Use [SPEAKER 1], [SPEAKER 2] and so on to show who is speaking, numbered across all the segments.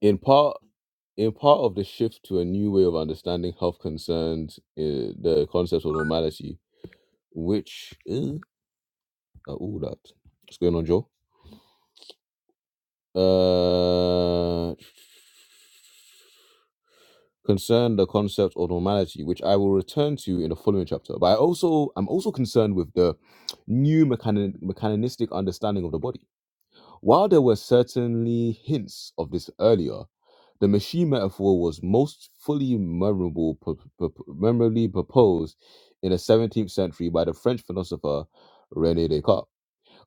[SPEAKER 1] In part, in part of the shift to a new way of understanding health concerns uh, the concept of normality, which is uh, all that. What's going on, Joe? Uh, concern the concept of normality, which I will return to in the following chapter. But I also I'm also concerned with the new mechani- mechanistic understanding of the body While there were certainly hints of this earlier, the machine metaphor was most fully memorable, pro- pro- memorably proposed in the 17th century by the French philosopher René Descartes.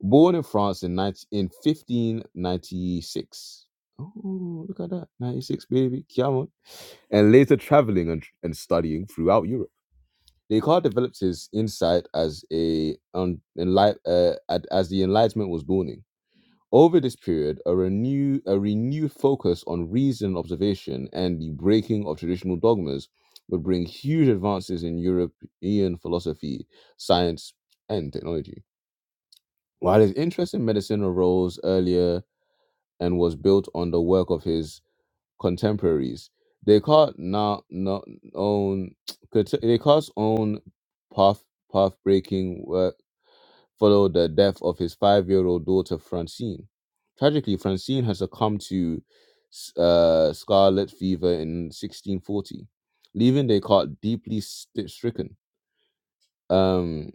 [SPEAKER 1] Born in France in, 19, in 1596. Oh, look at that. 96, baby. Come on. And later traveling and, and studying throughout Europe. Descartes developed his insight as a um, enlight, uh, at- as the Enlightenment was dawning. Over this period, a, renew, a renewed focus on reason observation and the breaking of traditional dogmas would bring huge advances in European philosophy, science, and technology. While his interest in medicine arose earlier and was built on the work of his contemporaries, Descartes now, now own Descartes' own path path breaking work followed the death of his five year old daughter, Francine. Tragically, Francine had succumbed to uh, scarlet fever in 1640, leaving Descartes deeply st- stricken. Um,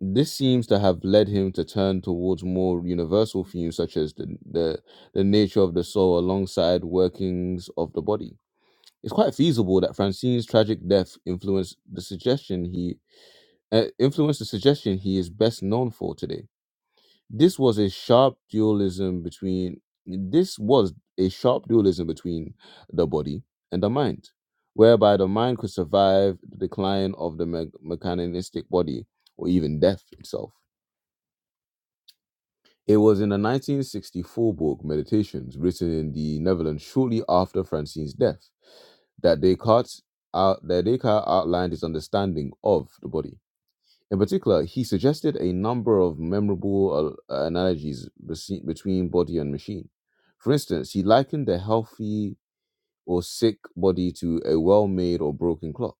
[SPEAKER 1] this seems to have led him to turn towards more universal themes such as the, the, the nature of the soul alongside workings of the body. It's quite feasible that Francine's tragic death influenced the suggestion he uh, influenced the suggestion he is best known for today this was a sharp dualism between this was a sharp dualism between the body and the mind, whereby the mind could survive the decline of the me- mechanistic body or even death itself. It was in the 1964 book Meditations, written in the Netherlands shortly after Francine's death, that Descartes, out, that Descartes outlined his understanding of the body. In particular, he suggested a number of memorable al- analogies bese- between body and machine. For instance, he likened a healthy or sick body to a well made or broken clock.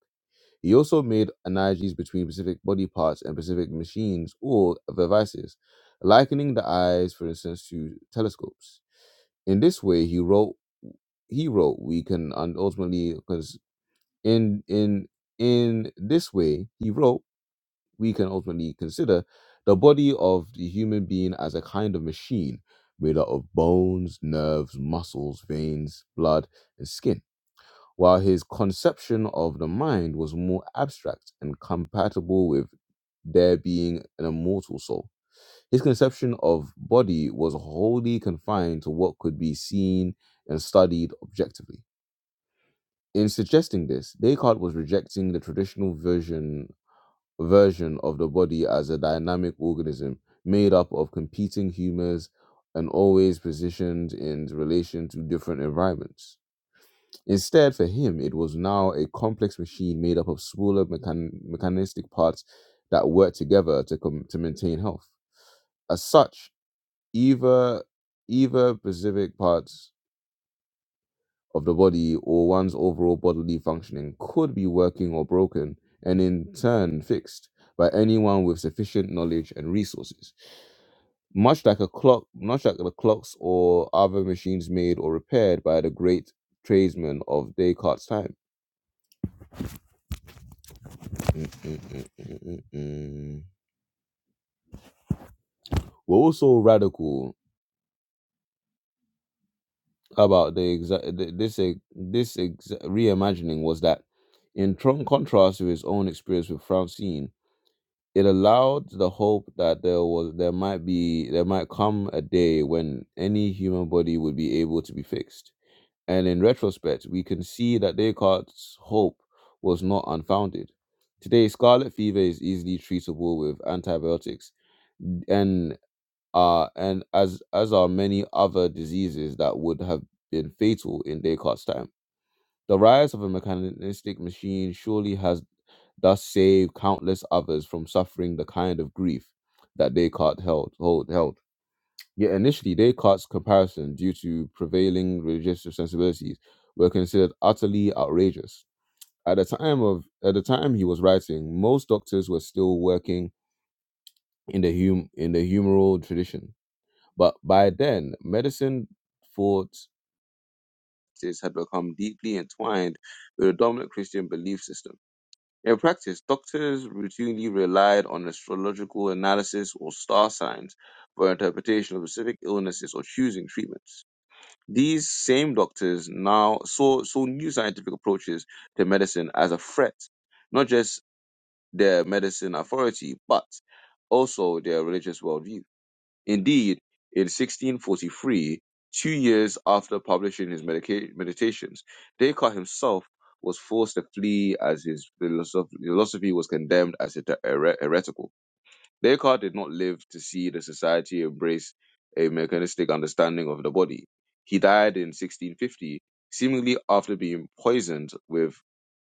[SPEAKER 1] He also made analogies between specific body parts and specific machines or devices, likening the eyes, for instance, to telescopes. In this way, he wrote, he wrote, we can un- ultimately, because in in in this way, he wrote we can ultimately consider the body of the human being as a kind of machine made up of bones, nerves, muscles, veins, blood, and skin, while his conception of the mind was more abstract and compatible with there being an immortal soul. His conception of body was wholly confined to what could be seen and studied objectively. In suggesting this, Descartes was rejecting the traditional version version of the body as a dynamic organism made up of competing humors and always positioned in relation to different environments. Instead, for him, it was now a complex machine made up of smaller mechan- mechanistic parts that work together to, com- to maintain health. As such, either either specific parts of the body or one's overall bodily functioning could be working or broken, and in turn fixed by anyone with sufficient knowledge and resources. Much like a clock, much like the clocks or other machines made or repaired by the great tradesmen of Descartes' time. Mm, mm, mm, mm, mm, mm. We're also radical about the exa- th- this ex- this ex- reimagining was that, in strong contrast to his own experience with Francine. it allowed the hope that there was there might be there might come a day when any human body would be able to be fixed. And in retrospect, we can see that Descartes' hope was not unfounded. Today, scarlet fever is easily treatable with antibiotics, and uh, and as as are many other diseases that would have been fatal in Descartes' time. The rise of a mechanistic machine surely has thus save countless others from suffering the kind of grief that Descartes held. Hold, held. Yet initially, Descartes' comparison, due to prevailing religious sensibilities, were considered utterly outrageous. At the time of at the time he was writing, most doctors were still working in the hum, in the humoral tradition, but by then, medicine for had become deeply entwined with the dominant Christian belief system In practice, doctors routinely relied on astrological analysis or star signs for interpretation of specific illnesses or choosing treatments. These same doctors now saw, saw new scientific approaches to medicine as a threat, not just their medicine authority, but also their religious worldview. Indeed, in 1643, two years after publishing his medica- meditations, Descartes himself was forced to flee as his philosoph- philosophy was condemned as hete- here- heretical. Descartes did not live to see the society embrace a mechanistic understanding of the body. He died in 1650, seemingly after being poisoned with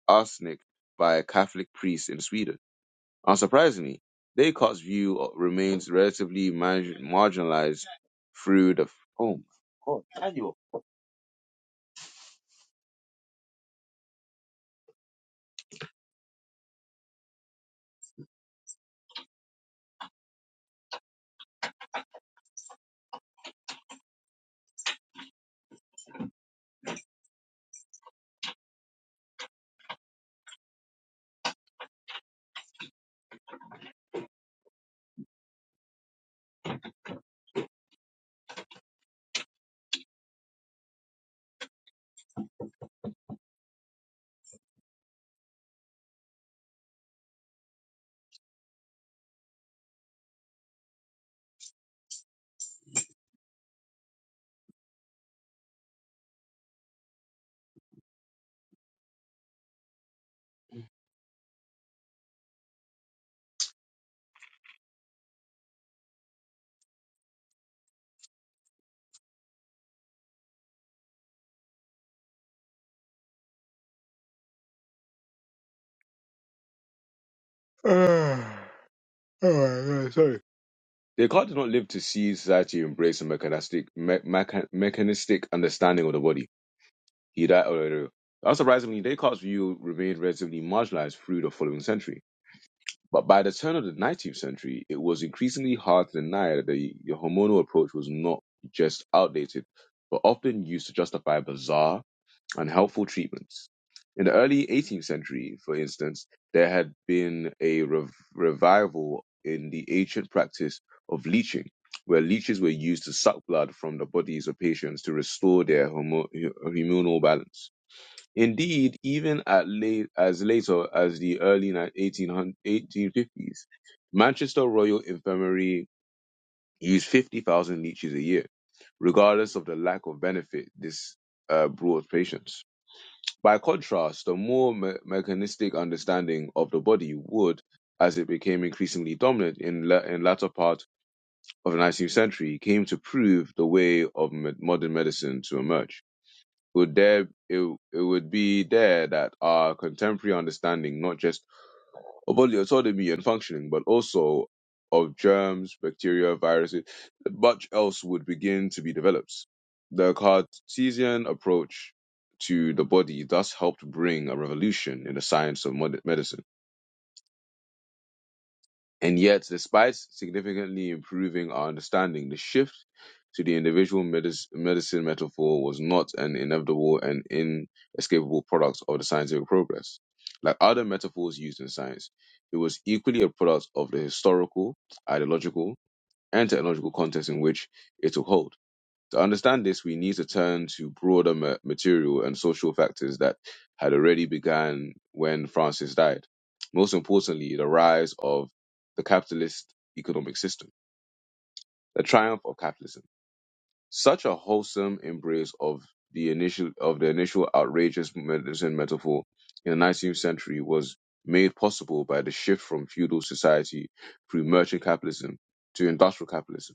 [SPEAKER 1] arsenic by a Catholic priest in Sweden. Unsurprisingly, Descartes' view remains relatively marg- marginalized through the. Oh my god, Daniel. Ah, oh my god, sorry. Descartes did not live to see society embrace a mechanistic, me- mecha- mechanistic understanding of the body. He died. Oh, no, no. Unsurprisingly, Descartes' view remained relatively marginalized through the following century. But by the turn of the 19th century, it was increasingly hard to deny that the the hormonal approach was not just outdated, but often used to justify bizarre and helpful treatments. In the early 18th century, for instance, there had been a rev- revival in the ancient practice of leeching, where leeches were used to suck blood from the bodies of patients to restore their homo- hormonal balance. Indeed, even at late, as later as the early 1850s, Manchester Royal Infirmary used 50,000 leeches a year, regardless of the lack of benefit this uh, brought patients. By contrast, a more me- mechanistic understanding of the body would, as it became increasingly dominant in la- in latter part of the 19th century, came to prove the way of med- modern medicine to emerge would there it, it would be there that our contemporary understanding not just of bodily autonomy and functioning but also of germs bacteria viruses much else would begin to be developed the cartesian approach to the body thus helped bring a revolution in the science of mod- medicine and yet, despite significantly improving our understanding, the shift to the individual medis- medicine metaphor was not an inevitable and inescapable product of the scientific progress. Like other metaphors used in science, it was equally a product of the historical, ideological, and technological context in which it took hold. To understand this, we need to turn to broader ma- material and social factors that had already begun when Francis died. Most importantly, the rise of the capitalist economic system, the triumph of capitalism. Such a wholesome embrace of the initial of the initial outrageous medicine metaphor in the 19th century was made possible by the shift from feudal society through merchant capitalism to industrial capitalism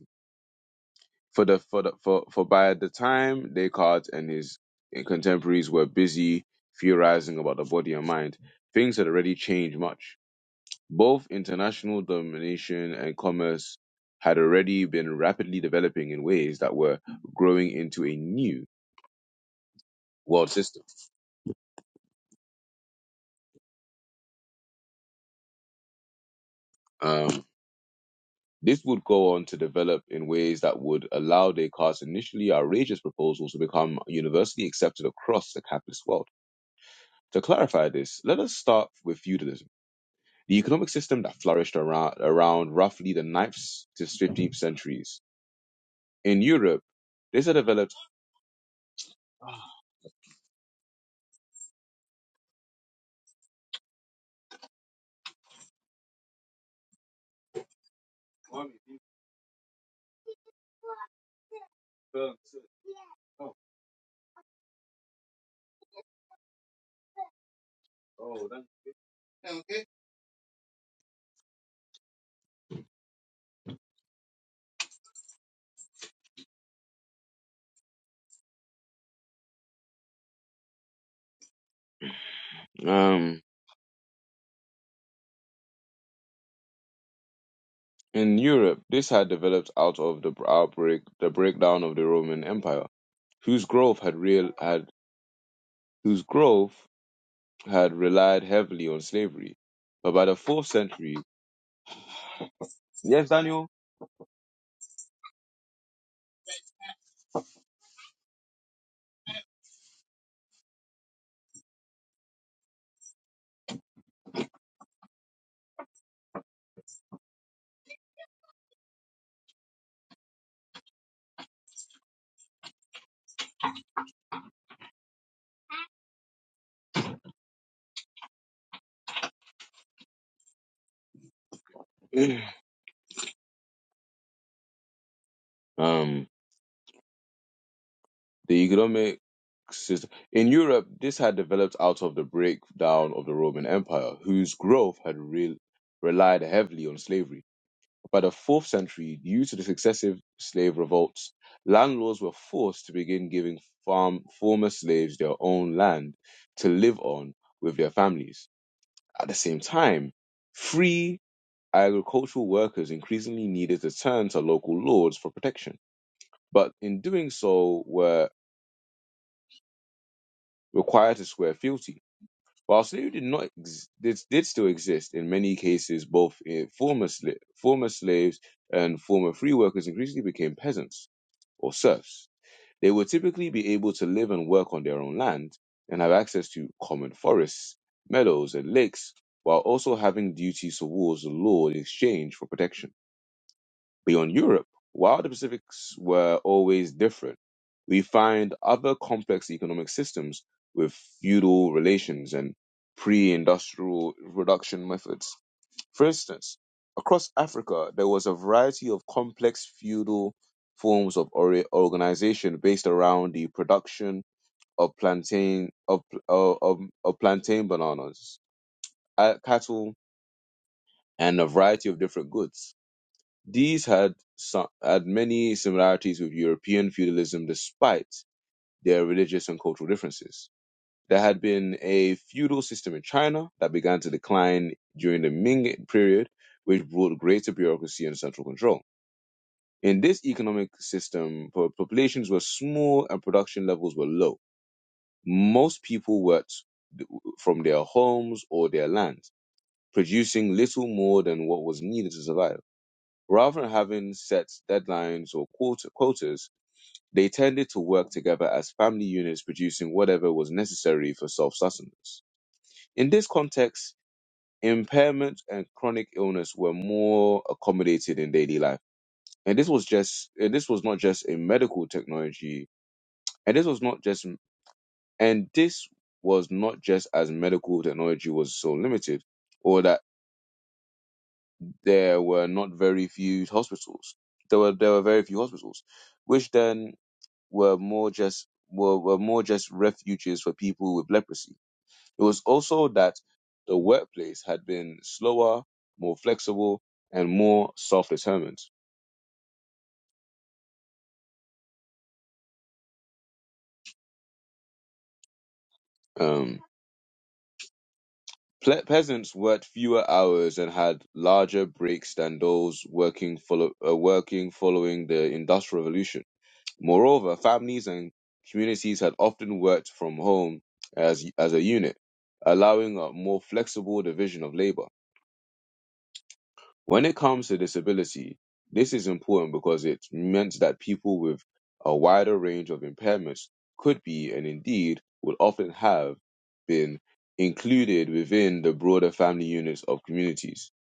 [SPEAKER 1] for the for the for, for by the time Descartes and his contemporaries were busy theorizing about the body and mind, things had already changed much. Both international domination and commerce had already been rapidly developing in ways that were growing into a new world system. Um, this would go on to develop in ways that would allow Descartes' initially outrageous proposals to become universally accepted across the capitalist world. To clarify this, let us start with feudalism. The economic system that flourished around, around roughly the ninth to 15th centuries. In Europe, this had developed um, in Europe, this had developed out of the outbreak, the breakdown of the Roman Empire, whose growth had real had whose growth had relied heavily on slavery. But by the fourth century, yes, Daniel. um, The economic system in Europe, this had developed out of the breakdown of the Roman Empire, whose growth had re- relied heavily on slavery. By the fourth century, due to the successive slave revolts, landlords were forced to begin giving farm former slaves their own land to live on with their families. At the same time, free agricultural workers increasingly needed to turn to local lords for protection, but in doing so were required to swear fealty While slavery did not ex- did, did still exist in many cases, both eh, former sla- former slaves and former free workers increasingly became peasants or serfs. They would typically be able to live and work on their own land and have access to common forests, meadows, and lakes, while also having duties towards the law in exchange for protection. Beyond Europe, while the Pacifics were always different, we find other complex economic systems with feudal relations and pre-industrial production methods. For instance, across Africa, there was a variety of complex feudal forms of ori- organization based around the production of plantain of, of, of of plantain bananas, uh, cattle, and a variety of different goods. These had, some, had many similarities with European feudalism despite their religious and cultural differences. There had been a feudal system in China that began to decline during the Ming period, which brought greater bureaucracy and central control. In this economic system, populations were small and production levels were low. Most people worked from their homes or their land, producing little more than what was needed to survive. Rather than having set deadlines or quota- quotas, they tended to work together as family units producing whatever was necessary for self sustenance. In this context, impairment and chronic illness were more accommodated in daily life. And this was just and this was not just in medical technology, and this was not just and this was not just as medical technology was so limited, or that there were not very few hospitals. There were there were very few hospitals, which then were more just were, were more just refuges for people with leprosy. It was also that the workplace had been slower, more flexible, and more self-determined. Um, ple- peasants worked fewer hours and had larger breaks than those working follow, uh, working following the Industrial Revolution. Moreover, families and communities had often worked from home as as a unit, allowing a more flexible division of labor. When it comes to disability, this is important because it meant that people with a wider range of impairments could be and indeed would often have been included within the broader family units of communities.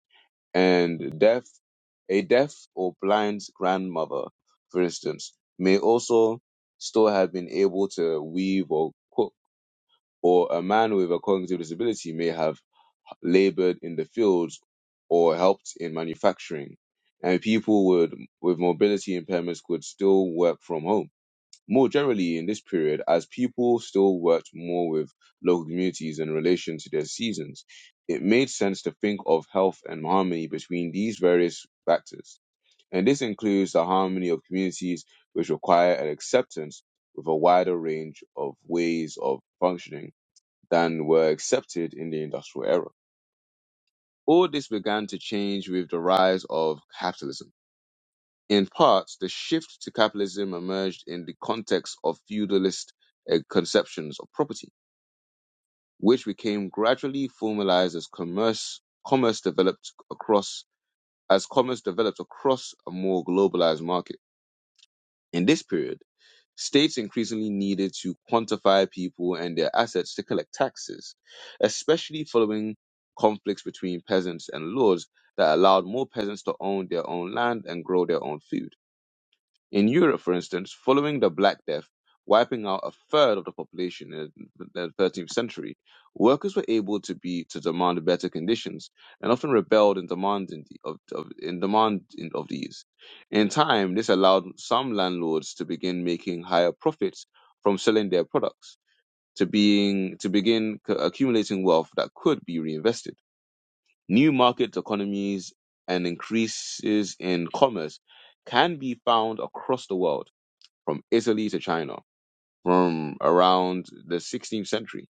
[SPEAKER 1] And deaf, a deaf or blind grandmother, for instance, may also still have been able to weave or cook, or a man with a cognitive disability may have labored in the fields or helped in manufacturing, and people would, with mobility impairments could still work from home. More generally, in this period, as people still worked more with local communities in relation to their seasons, it made sense to think of health and harmony between these various factors. And this includes the harmony of communities which require an acceptance with a wider range of ways of functioning than were accepted in the industrial era. All this began to change with the rise of capitalism. In part, the shift to capitalism emerged in the context of feudalist uh, conceptions of property, which became gradually formalized as commerce commerce developed across as commerce developed across a more globalized market. In this period, States increasingly needed to quantify people and their assets to collect taxes, especially following conflicts between peasants and lords that allowed more peasants to own their own land and grow their own food. In Europe, for instance, following the Black Death, wiping out a third of the population in the 13th century, workers were able to be to demand better conditions and often rebelled in demanding the- of, of in demand in- of these. In time, this allowed some landlords to begin making higher profits from selling their products, to being to begin c- accumulating wealth that could be reinvested. New market economies and increases in commerce can be found across the world from Italy to China from around the 16th century.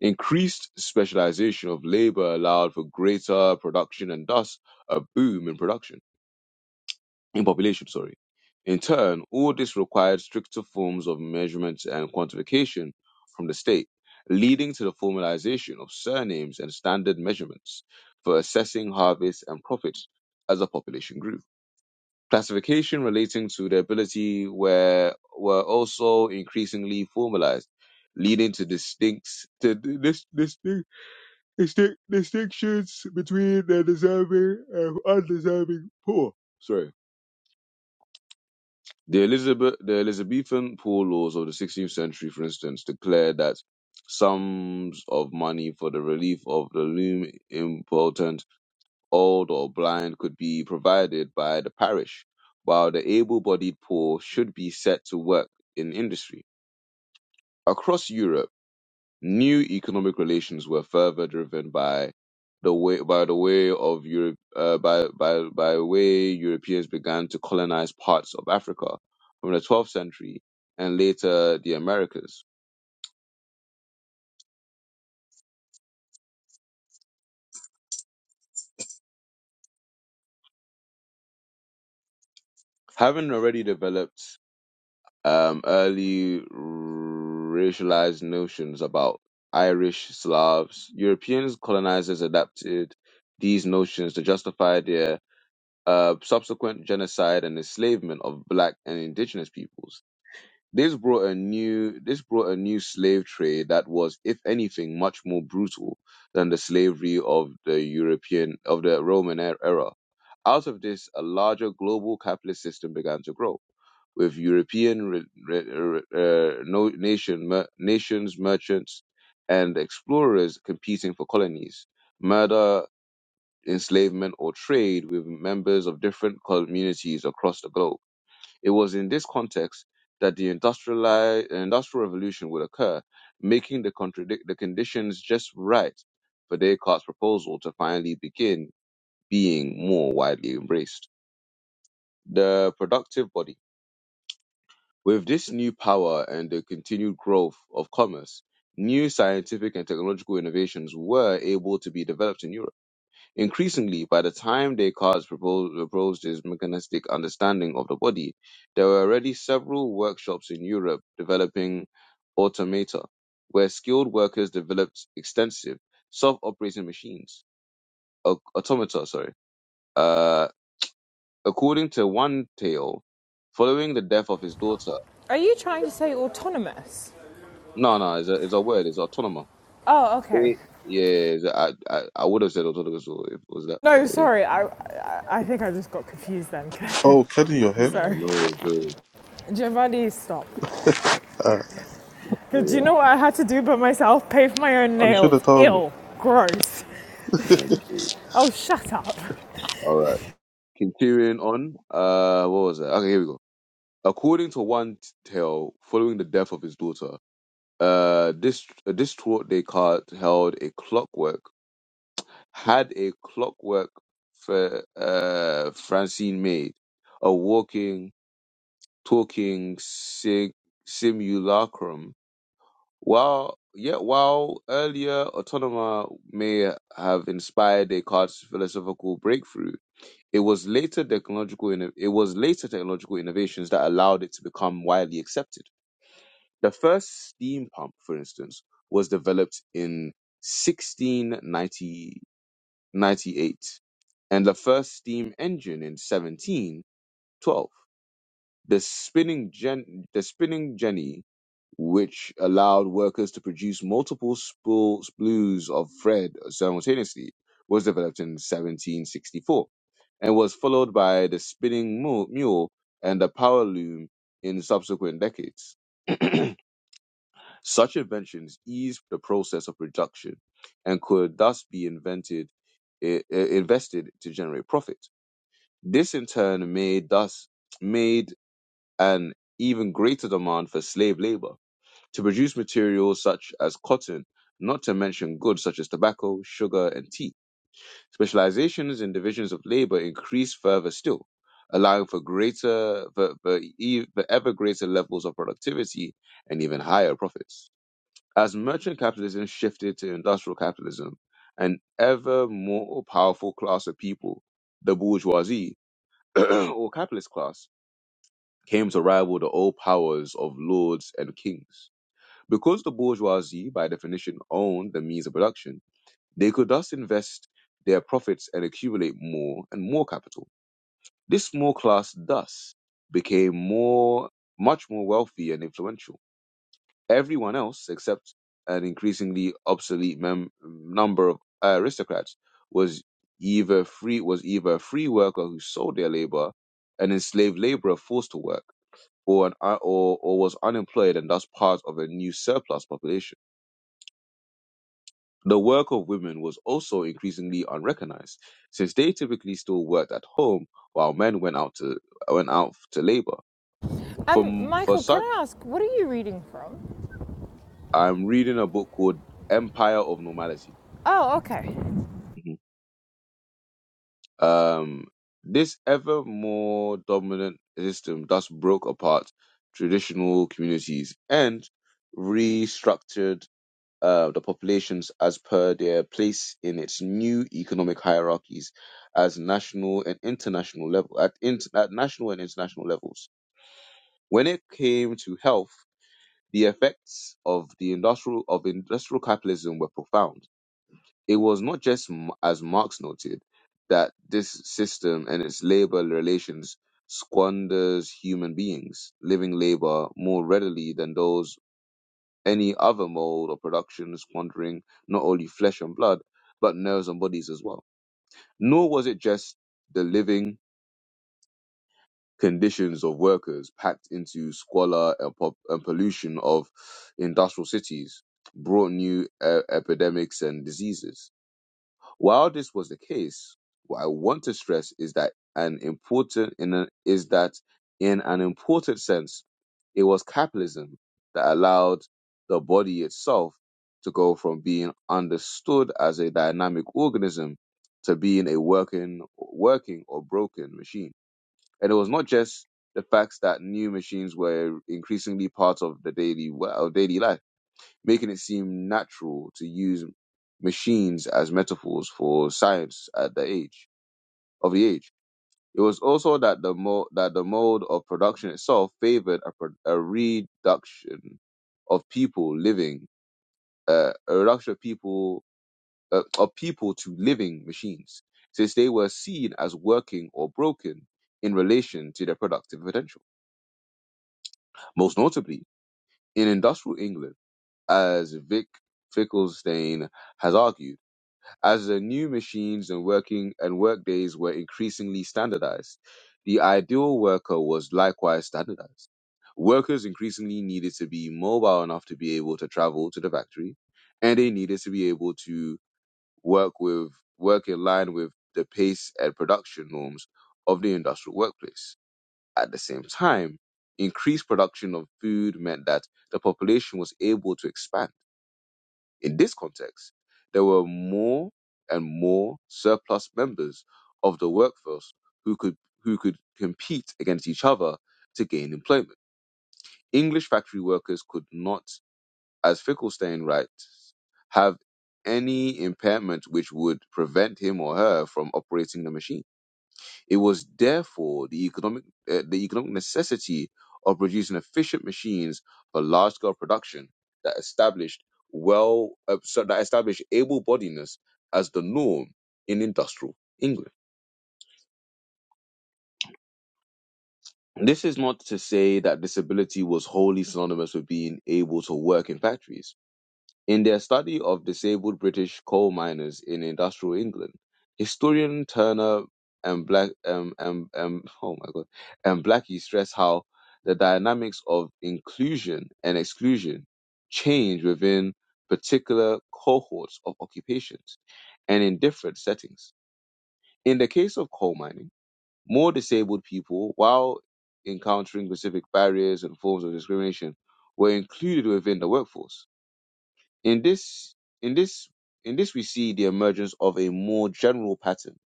[SPEAKER 1] Increased specialization of labor allowed for greater production and thus a boom in production, in population, sorry. In turn, all this required stricter forms of measurement and quantification from the state, leading to the formalization of surnames and standard measurements for assessing harvests and profits as a population grew. Classification relating to their ability were were also increasingly formalized, leading to distinct to dis, distinct, distinct distinctions between the deserving and undeserving poor. Sorry. The Elizabeth the Elizabethan poor laws of the 16th century, for instance, declared that sums of money for the relief of the loom impotent old or blind could be provided by the parish, while the able-bodied poor should be set to work in industry. Across Europe, new economic relations were further driven by the way by the way of Europe uh, by by by way Europeans began to colonize parts of Africa from the 12th century and later the Americas. Having already developed Um, early racialized notions about Irish, Slavs, Europeans, colonizers adapted these notions to justify their uh, subsequent genocide and enslavement of black and indigenous peoples. This brought a new this brought a new slave trade that was, if anything, much more brutal than the slavery of the European of the Roman e- era. Out of this, a larger global capitalist system began to grow, with European re, re, re- uh, no, nation mer, nations, merchants, and explorers competing for colonies. Murder, enslavement, or trade with members of different communities across the globe it was in this context that the industrialized, industrial revolution would occur, making the, contradic- the conditions just right for Descartes' proposal to finally begin being more widely embraced. The productive body. With this new power and the continued growth of commerce, new scientific and technological innovations were able to be developed in Europe Increasingly, by the time Descartes proposed, proposed his mechanistic understanding of the body, there were already several workshops in Europe developing automata, where skilled workers developed extensive self-operating machines, au- automata, sorry. Uh, according to one tale, following the death of his daughter,
[SPEAKER 2] Are you trying to say autonomous?
[SPEAKER 1] no, no, it's a, it's a word, it's autonoma.
[SPEAKER 2] Oh, okay.
[SPEAKER 1] Eh, Yeah, it's a- I, I, I would have said autonomous if it was that, but
[SPEAKER 2] No,
[SPEAKER 1] yeah.
[SPEAKER 2] sorry. I I, I think I just got confused then.
[SPEAKER 3] Oh, cutting your hair?
[SPEAKER 1] No,
[SPEAKER 2] sorry.
[SPEAKER 1] no, it's good.
[SPEAKER 2] Giovanni, stop.
[SPEAKER 3] here?
[SPEAKER 2] Do you
[SPEAKER 1] Yeah,
[SPEAKER 2] know what I had to do by myself? Pave my own
[SPEAKER 3] Uh, you should
[SPEAKER 2] nails.
[SPEAKER 3] have told me.
[SPEAKER 2] Ill. Gross.
[SPEAKER 1] yeah,
[SPEAKER 2] Oh, shut up.
[SPEAKER 1] yeah. Continuing on, uh, what was that? Okay, here we go. According to one tale, following the death of his daughter, uh, this a distraught Descartes held a clockwork, had a clockwork for uh Francine made, a walking, talking sig- simulacrum. While yet, while earlier autonoma may have inspired Descartes' philosophical breakthrough, It was later technological inno- it was later technological innovations that allowed it to become widely accepted. The first steam pump, for instance, was developed in 1698, and the first steam engine in 1712. The spinning gen the spinning jenny, which allowed workers to produce multiple spool- spools of thread simultaneously, was developed in 1764 and was followed by the spinning mu- mule and the power loom in subsequent decades. Such inventions eased the process of production and could thus be invented, i- i- invested to generate profit. This in turn made thus made an even greater demand for slave labor to produce materials such as cotton, not to mention goods such as tobacco, sugar, and tea. Specializations and divisions of labor increased further still, allowing for greater, for, for, e- for ever greater levels of productivity and even higher profits. As merchant capitalism shifted to industrial capitalism, an ever more powerful class of people, the bourgeoisie or capitalist class, came to rival the old powers of lords and kings. Because the bourgeoisie, by definition, owned the means of production, they could thus invest their profits and accumulate more and more capital. This small class thus became more, much more wealthy and influential. Everyone else, except an increasingly obsolete mem- number of aristocrats, was either free was either a free worker who sold their labor, an enslaved laborer forced to work or, an, uh, or, or was unemployed and thus part of a new surplus population. The work of women was also increasingly unrecognized, since they typically still worked at home while men went out to went out to labor.
[SPEAKER 2] Um,
[SPEAKER 1] From for
[SPEAKER 2] Michael, can
[SPEAKER 1] such,
[SPEAKER 2] I ask, what are you reading from?
[SPEAKER 1] I'm reading a book called Empire of Normality.
[SPEAKER 2] Oh, okay.
[SPEAKER 1] Mhm. Um, this ever more dominant system thus broke apart traditional communities and restructured uh, the populations as per their place in its new economic hierarchies as national and international level at, in, at national and international levels. When it came to health, the effects of the industrial of industrial capitalism were profound. It was not just m- as Marx noted that this system and its labor relations squanders human beings living labor more readily than those any other mode or production squandering not only flesh and blood, but nerves and bodies as well. Nor was it just the living conditions of workers packed into squalor and, po- and pollution of industrial cities brought new uh, epidemics and diseases while this was the case, what I want to stress is that an important in a, is that in an important sense, it was capitalism that allowed the body itself to go from being understood as a dynamic organism to being a working working or broken machine. And it was not just the fact that new machines were increasingly part of the daily of daily life making it seem natural to use machines as metaphors for science at the age of the age. It was also that the mo- that the mode of production itself favored a, pro- a reduction of people living uh, a reduction of people uh, of people to living machines, since they were seen as working or broken in relation to their productive potential. Most notably, in industrial England, as Vic Finkelstein has argued As the new machines and working and workdays were increasingly standardized, the ideal worker was likewise standardized. Workers increasingly needed to be mobile enough to be able to travel to the factory, and they needed to be able to work with work in line with the pace and production norms of the industrial workplace. At the same time, increased production of food meant that the population was able to expand in this context, there were more and more surplus members of the workforce who could who could compete against each other to gain employment. English factory workers could not, as Finkelstein writes, have any impairment which would prevent him or her from operating the machine. It was therefore the economic, uh, the economic necessity of producing efficient machines for large-scale production that established well, uh, so that established able bodiness as the norm in industrial England. This is not to say that disability was wholly synonymous with being able to work in factories In their study of disabled British coal miners in industrial England, historian Turner and Black um, um, um, oh my God, and Blackie stress how the dynamics of inclusion and exclusion change within particular cohorts of occupations and in different settings. In the case of coal mining, more disabled people, while encountering specific barriers and forms of discrimination, were included within the workforce in this, in this, in this, we see the emergence of a more general pattern,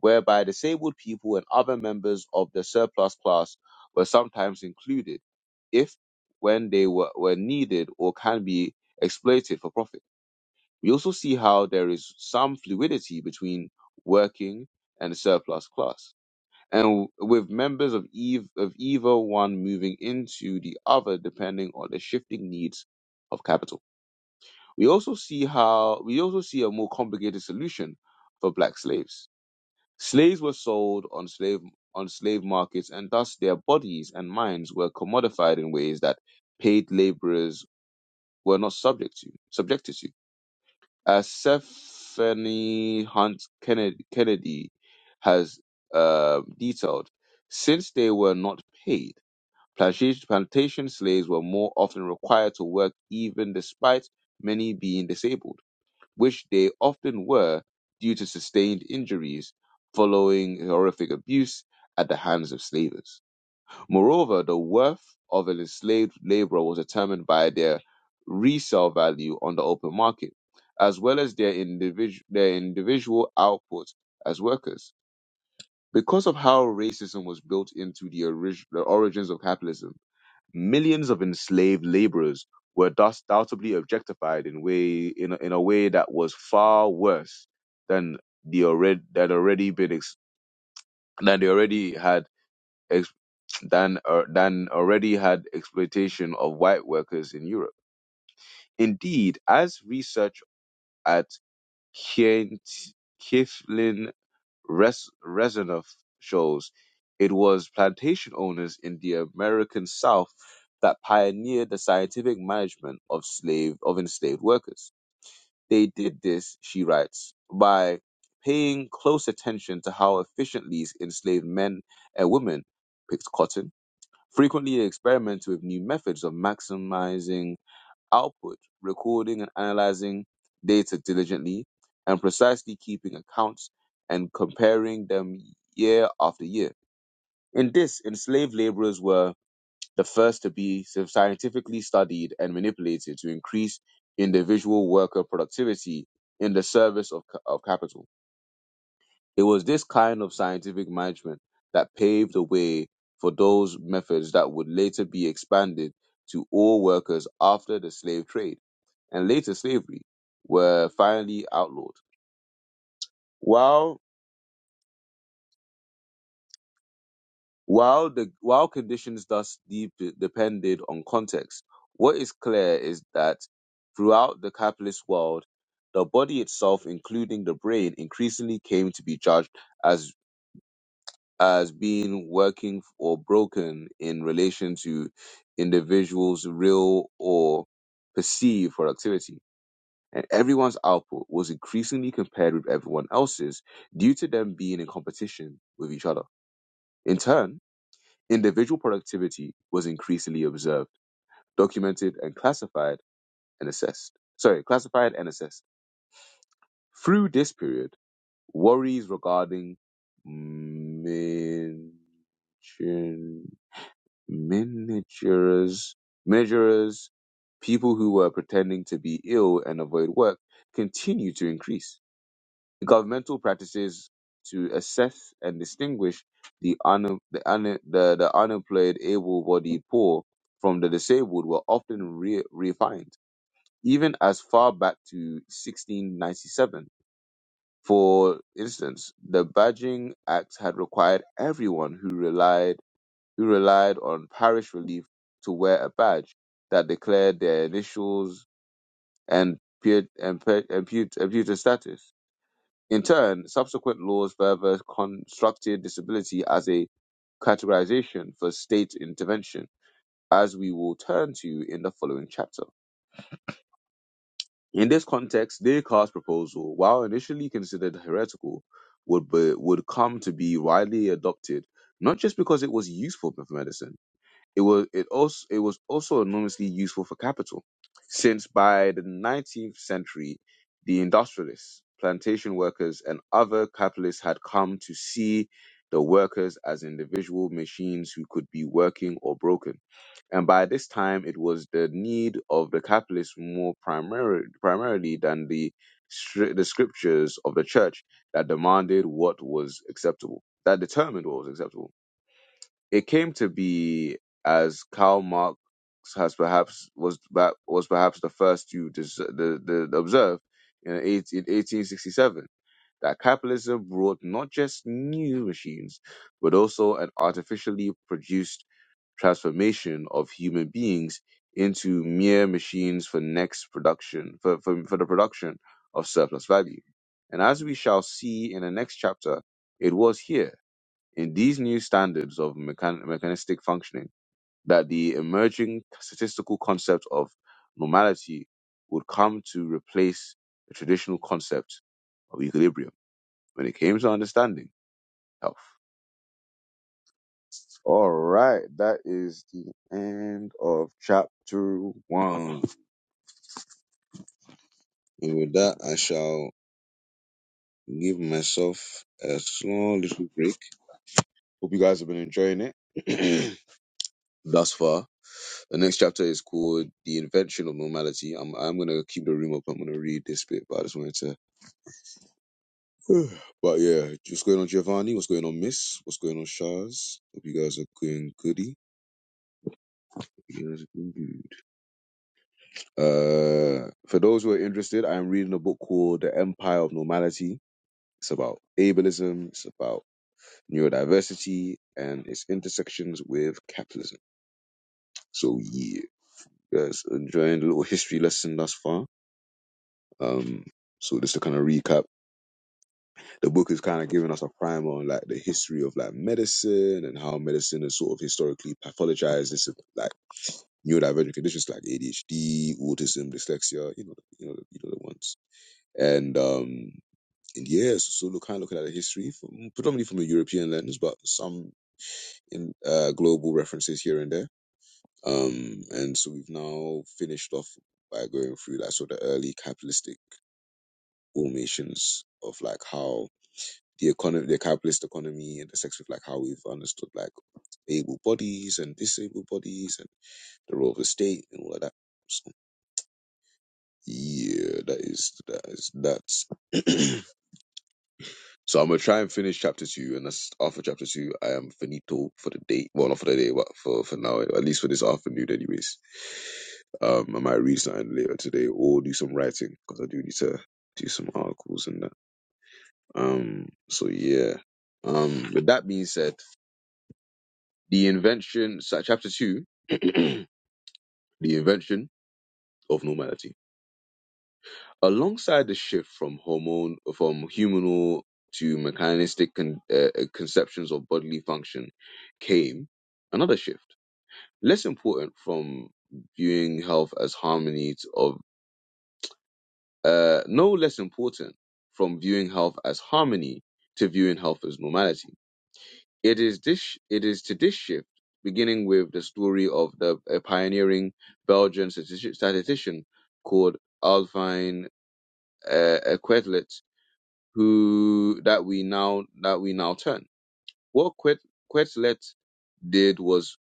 [SPEAKER 1] whereby disabled people and other members of the surplus class were sometimes included, if when they were, were needed or can be exploited for profit. We also see how there is some fluidity between working and surplus class, and with members of, ev- of either one moving into the other depending on the shifting needs of capital. We also see how we also see a more complicated solution for black slaves. Slaves were sold on slave on slave markets, and thus their bodies and minds were commodified in ways that paid laborers were not subject to subjected to. As Stephanie Hunt Kennedy, Kennedy has uh, detailed, since they were not paid, plantation plantation slaves were more often required to work, even despite many being disabled which they often were due to sustained injuries following horrific abuse at the hands of slavers. Moreover, the worth of an enslaved laborer was determined by their resale value on the open market, as well as their, individu- their individual output as workers. Because of how racism was built into the, orig- the origins of capitalism, millions of enslaved laborers were thus doubtably objectified in way in a, in a way that was far worse than the already that already been ex, than they already had ex, than uh, than already had exploitation of white workers in Europe. Indeed, as research at Kent Kieflin Res- Rezanoff shows it was plantation owners in the American South that pioneered the scientific management of slave of enslaved workers. They did this, she writes, by paying close attention to how efficiently these enslaved men and women picked cotton, frequently experimented with new methods of maximizing output, recording and analyzing data diligently, and precisely keeping accounts and comparing them year after year. In this, enslaved laborers were the first to be scientifically studied and manipulated to increase individual worker productivity in the service of, of capital. It was this kind of scientific management that paved the way for those methods that would later be expanded to all workers after the slave trade and later slavery were finally outlawed. While while the while conditions thus deep depended on context, what is clear is that throughout the capitalist world, the body itself, including the brain, increasingly came to be judged as as being working or broken in relation to individuals' real or perceived productivity. And everyone's output was increasingly compared with everyone else's due to them being in competition with each other. In turn, individual productivity was increasingly observed, documented, and classified and assessed. Sorry, classified and assessed. Through this period, worries regarding mention. managers, measurers, people who were pretending to be ill and avoid work continue to increase. Governmental practices to assess and distinguish the, un, the, un, the, the unemployed, able-bodied poor from the disabled were often re- refined, even as far back to 1697. For instance, the Badging Act had required everyone who relied who relied on parish relief to wear a badge that declared their initials and pu- and and pu- status. In turn, subsequent laws further constructed disability as a categorization for state intervention, as we will turn to in the following chapter. In this context, Descartes' proposal, while initially considered heretical, would be, would come to be widely adopted not just because it was useful for medicine It was it also it was also enormously useful for capital, since by the 19th century, the industrialists, plantation workers, and other capitalists had come to see the workers as individual machines who could be working or broken. And by this time, it was the need of the capitalists more primary, primarily than the stri- the scriptures of the church that demanded what was acceptable, that determined what was acceptable it came to be as Karl Marx has perhaps was ba- was perhaps the first to dis- the, the, the observe in, 18, in 1867 that capitalism brought not just new machines but also an artificially produced transformation of human beings into mere machines for next production for, for, for the production of surplus value. And as we shall see in the next chapter, it was here in these new standards of mechan- mechanistic functioning that the emerging statistical concept of normality would come to replace the traditional concept of equilibrium when it came to understanding health. All right, that is the end of chapter one. And with that, I shall give myself a small little break. Hope you guys have been enjoying it thus far. The next chapter is called The Invention of Normality. I'm I'm gonna keep the room up. I'm gonna read this bit, but I just wanted to But yeah, what's going on, Giovanni? What's going on, Miss? What's going on, Shaz? Hope you guys are doing goody. Hope You guys are doing good. Uh for those who are interested, I'm reading a book called The Empire of Normality. It's about ableism, it's about neurodiversity and its intersections with capitalism. So yeah, you guys enjoying the little history lesson thus far. Um so just to kind of recap the book is kind of giving us a primer on like the history of like medicine and how medicine is sort of historically pathologized. This like neurodivergent conditions like ADHD, autism, dyslexia, you know, you know, you know the ones. And um, and yeah, so, so look, kind of looking at the history from predominantly from a European lens, but some in uh, global references here and there. Um, and so we've now finished off by going through like sort of early capitalistic formations of like how the economy, the capitalist economy, and the sex with like how we've understood like able bodies and disabled bodies and the role of the state and all of that. So, yeah, that is that is that's. so I'm gonna try and finish chapter two, and that's after chapter two. I am finito for the day. Well, not for the day, but for for now, at least for this afternoon, anyways. Um, I might read something later today or do some writing because I do need to do some articles and that. Um, so yeah. Um, with that being said. The invention, so chapter 2, the invention of normality. Alongside the shift from hormone, from humanal to mechanistic con, uh, uh, conceptions of bodily function came another shift, less important from viewing health as harmony to, of, uh, no less important from viewing health as harmony to viewing health as normality It is this it is to this shift, beginning with the story of the a pioneering Belgian statistici- statistician called Alfine uh, uh, Quetelet, who that we now that we now turn. What Quet, Quetelet did was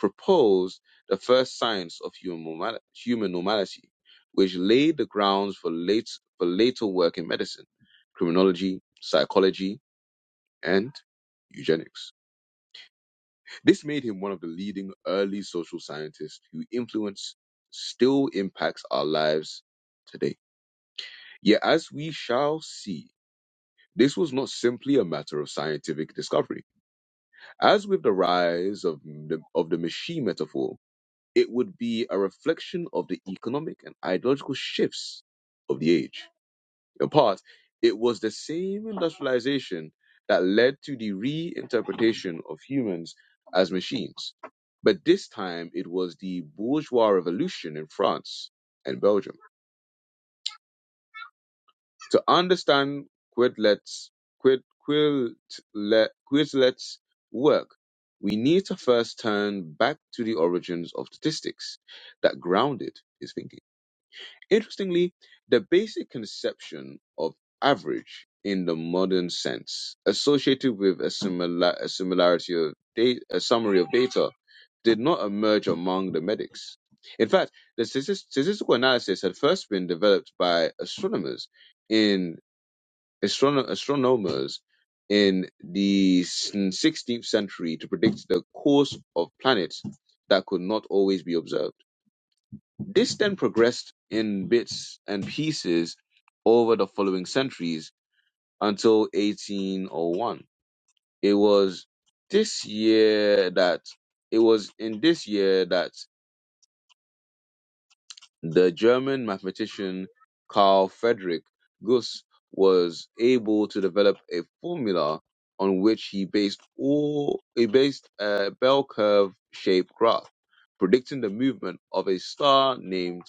[SPEAKER 1] propose the first science of human normal, human normality, which laid the grounds for late for later work in medicine, criminology, psychology, and eugenics. This made him one of the leading early social scientists whose influence still impacts our lives today. Yet, as we shall see, this was not simply a matter of scientific discovery. As with the rise of the, of the machine metaphor, it would be a reflection of the economic and ideological shifts of the age uh, part, it was the same industrialization that led to the reinterpretation of humans as machines. But this time it was the bourgeois revolution in France and Belgium. To understand Quetelet's Quid, Quidlet, Quidlet's work, we need to first turn back to the origins of statistics that grounded his thinking. Interestingly, the basic conception of average in the modern sense, associated with a, similar, a similarity of data, a summary of data, did not emerge among the medics. In fact, the statis- statistical analysis had first been developed by astronomers in astrono- astronomers in the 16th century to predict the course of planets that could not always be observed. This then progressed in bits and pieces over the following centuries until 1801. It was this year that it was in this year that the German mathematician Carl Friedrich Gauss was able to develop a formula on which he based all he based a bell curve shaped graph predicting the movement of a star named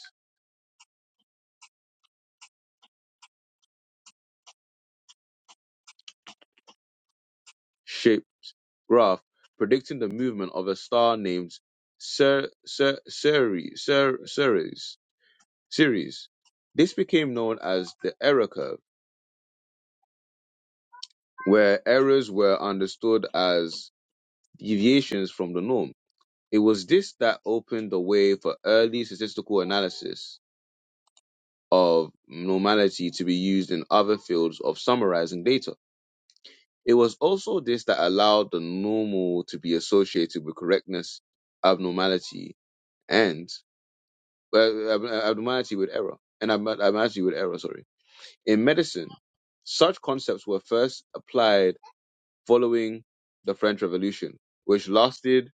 [SPEAKER 1] graph predicting the movement of a star named Cer- Cer- Ceres. Cer- Ceres. Ceres. This became known as the error curve, where errors were understood as deviations from the norm. It was this that opened the way for early statistical analysis of normality to be used in other fields of summarizing data. It was also this that allowed the normal to be associated with correctness, abnormality, and uh, abnormality with error and ab- abnormality with error. Sorry, in medicine, such concepts were first applied following the French Revolution, which lasted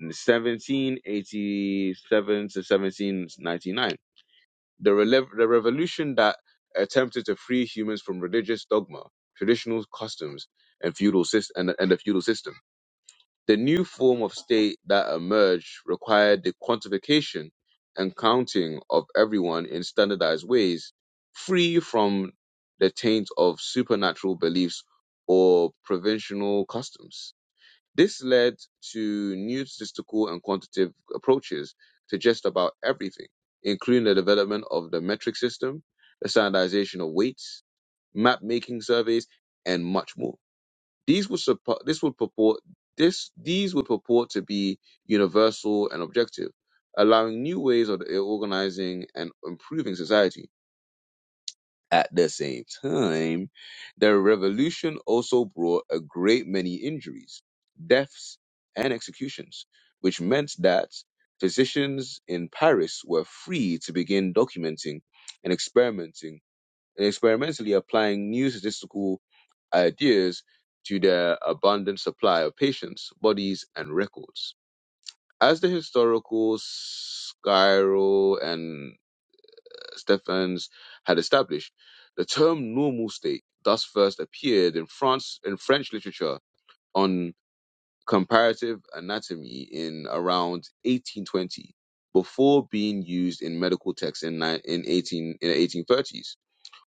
[SPEAKER 1] 1787 to 1799. The, rele- the revolution that attempted to free humans from religious dogma, traditional customs, and feudal system and, and the feudal system. The new form of state that emerged required the quantification and counting of everyone in standardized ways, free from the taint of supernatural beliefs or provincial customs. This led to new statistical and quantitative approaches to just about everything, including the development of the metric system, the standardization of weights, map making surveys, and much more. These would suppo- this would purport this these would purport to be universal and objective, allowing new ways of organizing and improving society. At the same time, the revolution also brought a great many injuries, deaths, and executions, which meant that physicians in Paris were free to begin documenting and experimenting and experimentally applying new statistical ideas to their abundant supply of patients, bodies, and records. As the historical Skyro and Stephens had established, the term normal state thus first appeared in France in French literature on comparative anatomy in around 1820, before being used in medical texts in, ni- in, 18, in the 1830s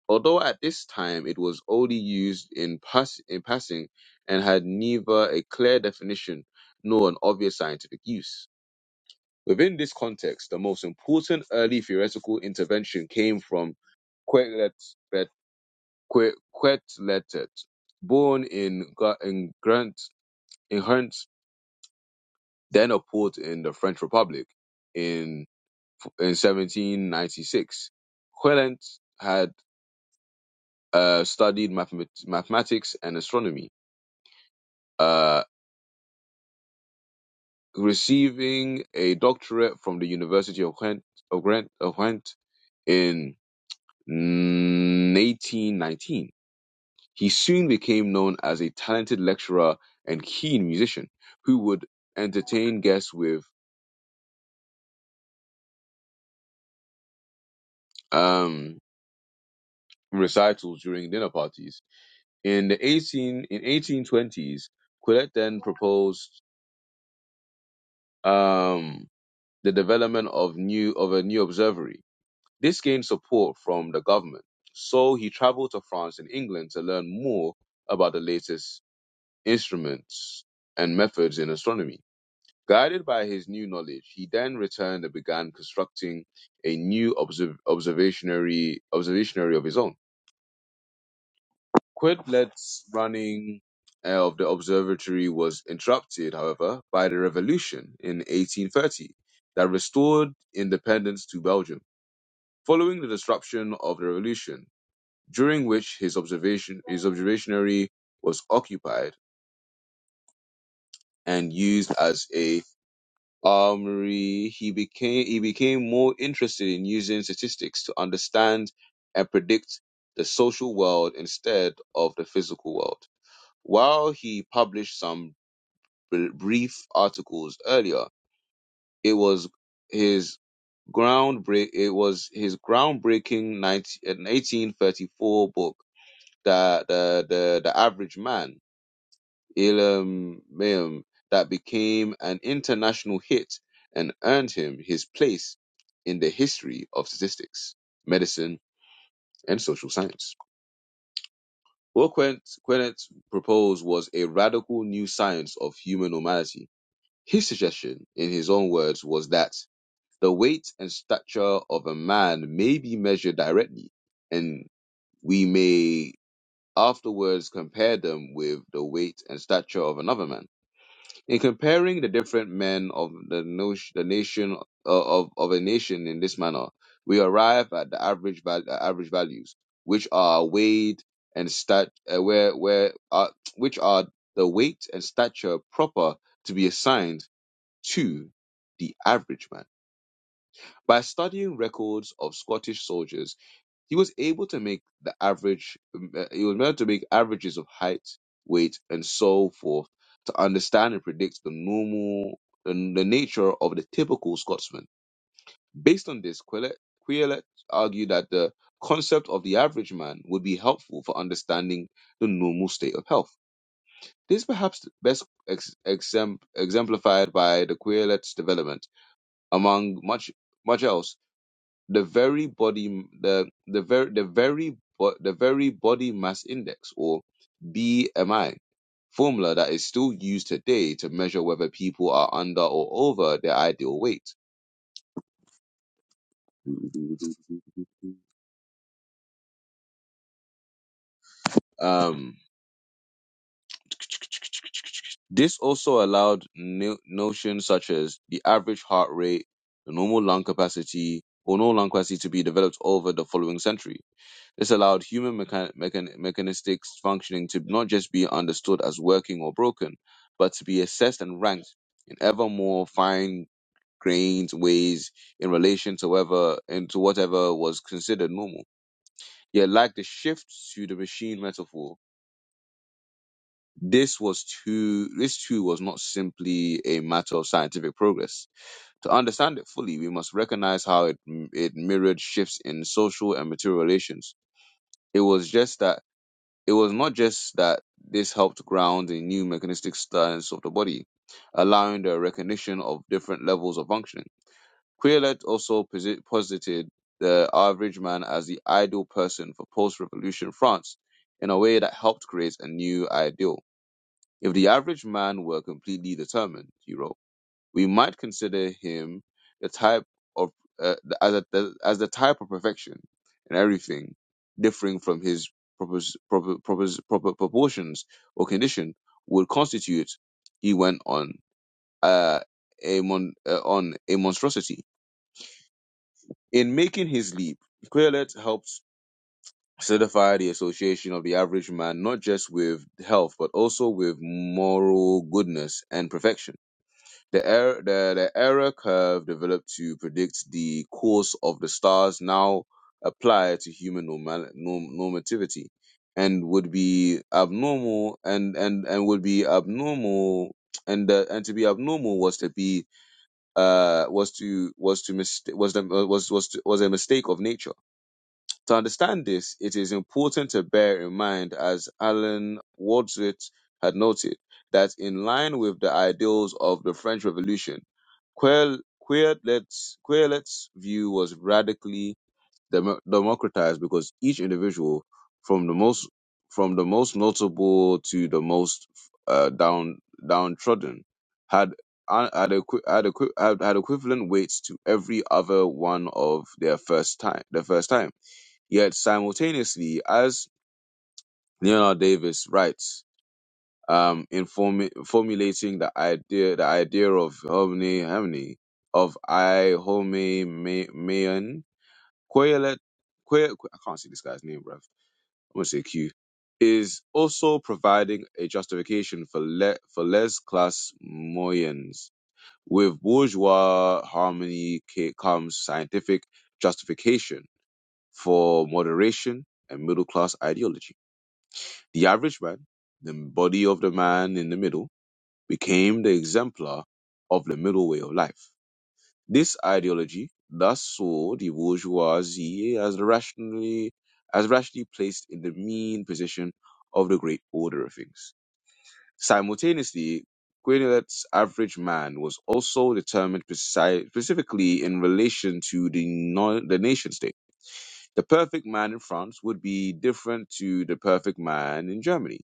[SPEAKER 1] although at this time it was only used in, pass- in passing and had neither a clear definition nor an obvious scientific use. Within this context, the most important early theoretical intervention came from Quetelet, Bet- Que- Quetelet, born in, Gra- in Grant, in Hernt, then a port in the French Republic in, in 1796. Quetelet had uh, studied mathemat- mathematics and astronomy uh, receiving a doctorate from the University of Ghent, of Ghent, of Ghent in 1819. He soon became known as a talented lecturer and keen musician who would entertain guests with um, recitals during dinner parties. In the 18 in 1820s, Quillet then proposed um, the development of new of a new observatory This gained support from the government, so he traveled to France and England to learn more about the latest instruments and methods in astronomy. Guided by his new knowledge, he then returned and began constructing a new observ- observatory observatory of his own. Quetelet's running uh, of the observatory was interrupted, however, by the revolution in 1830 that restored independence to Belgium. Following the disruption of the revolution, during which his observation his observatory was occupied and used as a armory. He became he became more interested in using statistics to understand and predict the social world instead of the physical world. While he published some br- brief articles earlier, it was his groundbreak it was his groundbreaking 19, 1834 book the, the the the average man Ilam Mayum that became an international hit and earned him his place in the history of statistics, medicine, and social science. What Quent- Quennett proposed was a radical new science of human normality. His suggestion, in his own words, was that the weight and stature of a man may be measured directly, and we may afterwards compare them with the weight and stature of another man In comparing the different men of the, notion, the nation uh, of, of a nation in this manner, we arrive at the average val- uh, average values, which are weighed and stat uh, where where uh, which are the weight and stature proper to be assigned to the average man. By studying records of Scottish soldiers he was able to make the average, um, uh, he was able to make averages of height, weight, and so forth to understand and predict the normal, and the nature of the typical Scotsman. Based on this, Queelet, Queelet argued that the concept of the average man would be helpful for understanding the normal state of health. This is perhaps best ex- exempl- exemplified by the Queelet's development among much much else the very body the the very the very bo- the very body mass index or BMI formula that is still used today to measure whether people are under or over their ideal weight. Um, this also allowed no- notions such as the average heart rate, the normal lung capacity, or normal lung capacity to be developed over the following century This allowed human mechan- mechan- mechanistic functioning to not just be understood as working or broken, but to be assessed and ranked in ever more fine grained ways in relation to whatever into whatever was considered normal. Yet like the shift to the machine metaphor, this was too this too was not simply a matter of scientific progress. To understand it fully, we must recognize how it it mirrored shifts in social and material relations. It was just that it was not just that this helped ground the new mechanistic stance of the body, allowing the recognition of different levels of functioning. Queerlet also posi- posited the average man as the ideal person for post revolution France in a way that helped create a new ideal. If the average man were completely determined, he wrote, we might consider him the type of uh, as a, the, as the type of perfection in everything, differing from his propos, proper, propos, proper proportions or condition would constitute. He went on uh, a mon, uh, on a monstrosity in making his leap. Quillette helps solidify the association of the average man not just with health but also with moral goodness and perfection The error, the, the error curve developed to predict the course of the stars now apply to human normal, norm, normativity and would be abnormal and, and, and would be abnormal and uh, and to be abnormal was to be uh was to was to mistake was the, was was to, was a mistake of nature to understand this, it is important to bear in mind, as Alan Wadsworth had noted, that in line with the ideals of the French Revolution, Queer- Queerlet's, Queerlet's view was radically demo democratized because each individual, from the most from the most notable to the most uh, down downtrodden, had an- had, equi- had, equi- had had equivalent weights to every other one of their first time their first time Yet simultaneously, as Leonard Davis writes, um, in formu- formulating the idea, the idea of homine homine, of I home me- meon, Queelet, que- que- I can't see this guy's name, bruv. I'm gonna say Q, is also providing a justification for le- for les class moyens. With bourgeois harmony ca- comes scientific justification for moderation and middle class ideology. The average man, the body of the man in the middle, became the exemplar of the middle way of life. This ideology thus saw the bourgeoisie as rationally as rationally placed in the mean position of the great order of things. Simultaneously, Quinlet's average man was also determined speci- specifically in relation to the, non- the nation state the perfect man in France would be different to the perfect man in Germany,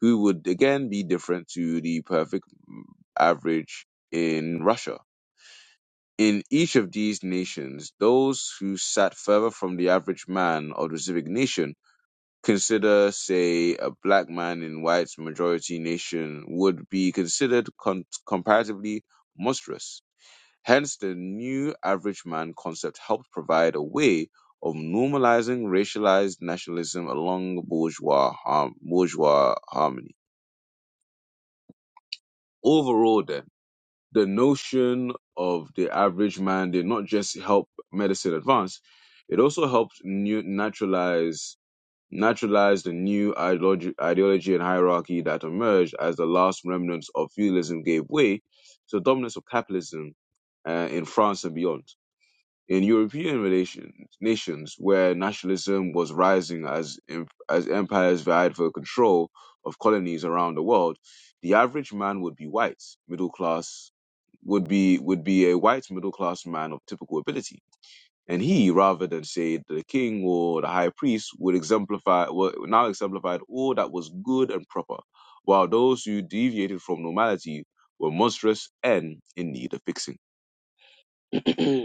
[SPEAKER 1] who would again be different to the perfect mm, average in Russia. In each of these nations, those who sat further from the average man of the civic nation, consider, say, a black man in white majority nation, would be considered con- comparatively monstrous Hence the new average man concept helped provide a way of normalizing racialized nationalism along bourgeois, harm, bourgeois harmony. Overall then, the notion of the average man did not just help medicine advance, it also helped new, naturalize naturalize the new ideology, ideology and hierarchy that emerged as the last remnants of feudalism gave way to the dominance of capitalism uh, in France and beyond. In European relations, nations where nationalism was rising as em- as empires vied for control of colonies around the world, the average man would be white, middle class would be would be a white middle class man of typical ability, and he, rather than say the king or the high priest, would exemplify would- now exemplified all that was good and proper, while those who deviated from normality were monstrous and in need of fixing.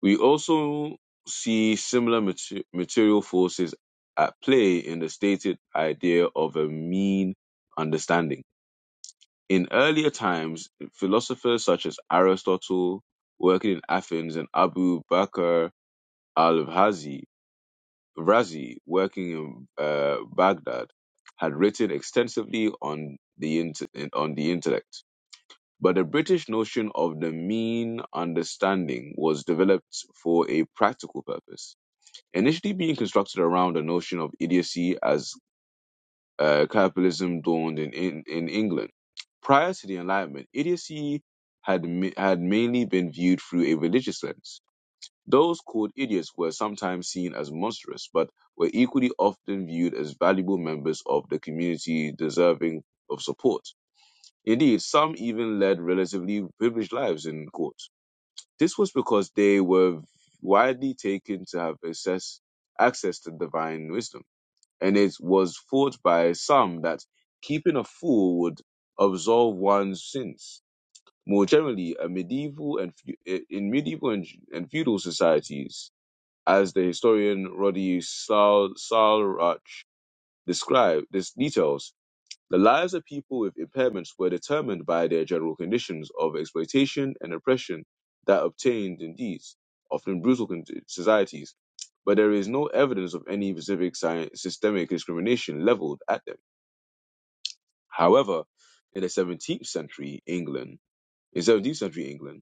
[SPEAKER 1] We also see similar mater- material forces at play in the stated idea of a mean understanding. In earlier times, philosophers such as Aristotle, working in Athens, and Abu Bakr al-Razi, Razi, working in uh, Baghdad, had written extensively on the int- on the intellect. But the British notion of the mean understanding was developed for a practical purpose initially being constructed around a notion of idiocy as uh, capitalism dawned in, in, in England. Prior to the Enlightenment, idiocy had, ma- had mainly been viewed through a religious lens. Those called idiots were sometimes seen as monstrous, but were equally often viewed as valuable members of the community deserving of support. Indeed, some even led relatively privileged lives in court. This was because they were widely taken to have access, access to divine wisdom and it was thought by some that keeping a fool would absolve one's sins. More generally, a medieval and feu- in medieval and, and feudal societies, as the historian Roddy Sal, Salrach described, this details the lives of people with impairments were determined by their general conditions of exploitation and oppression that obtained in these, often brutal con- societies, but there is no evidence of any specific sci- systemic discrimination leveled at them. However, in the 17th century England, in 17th century England,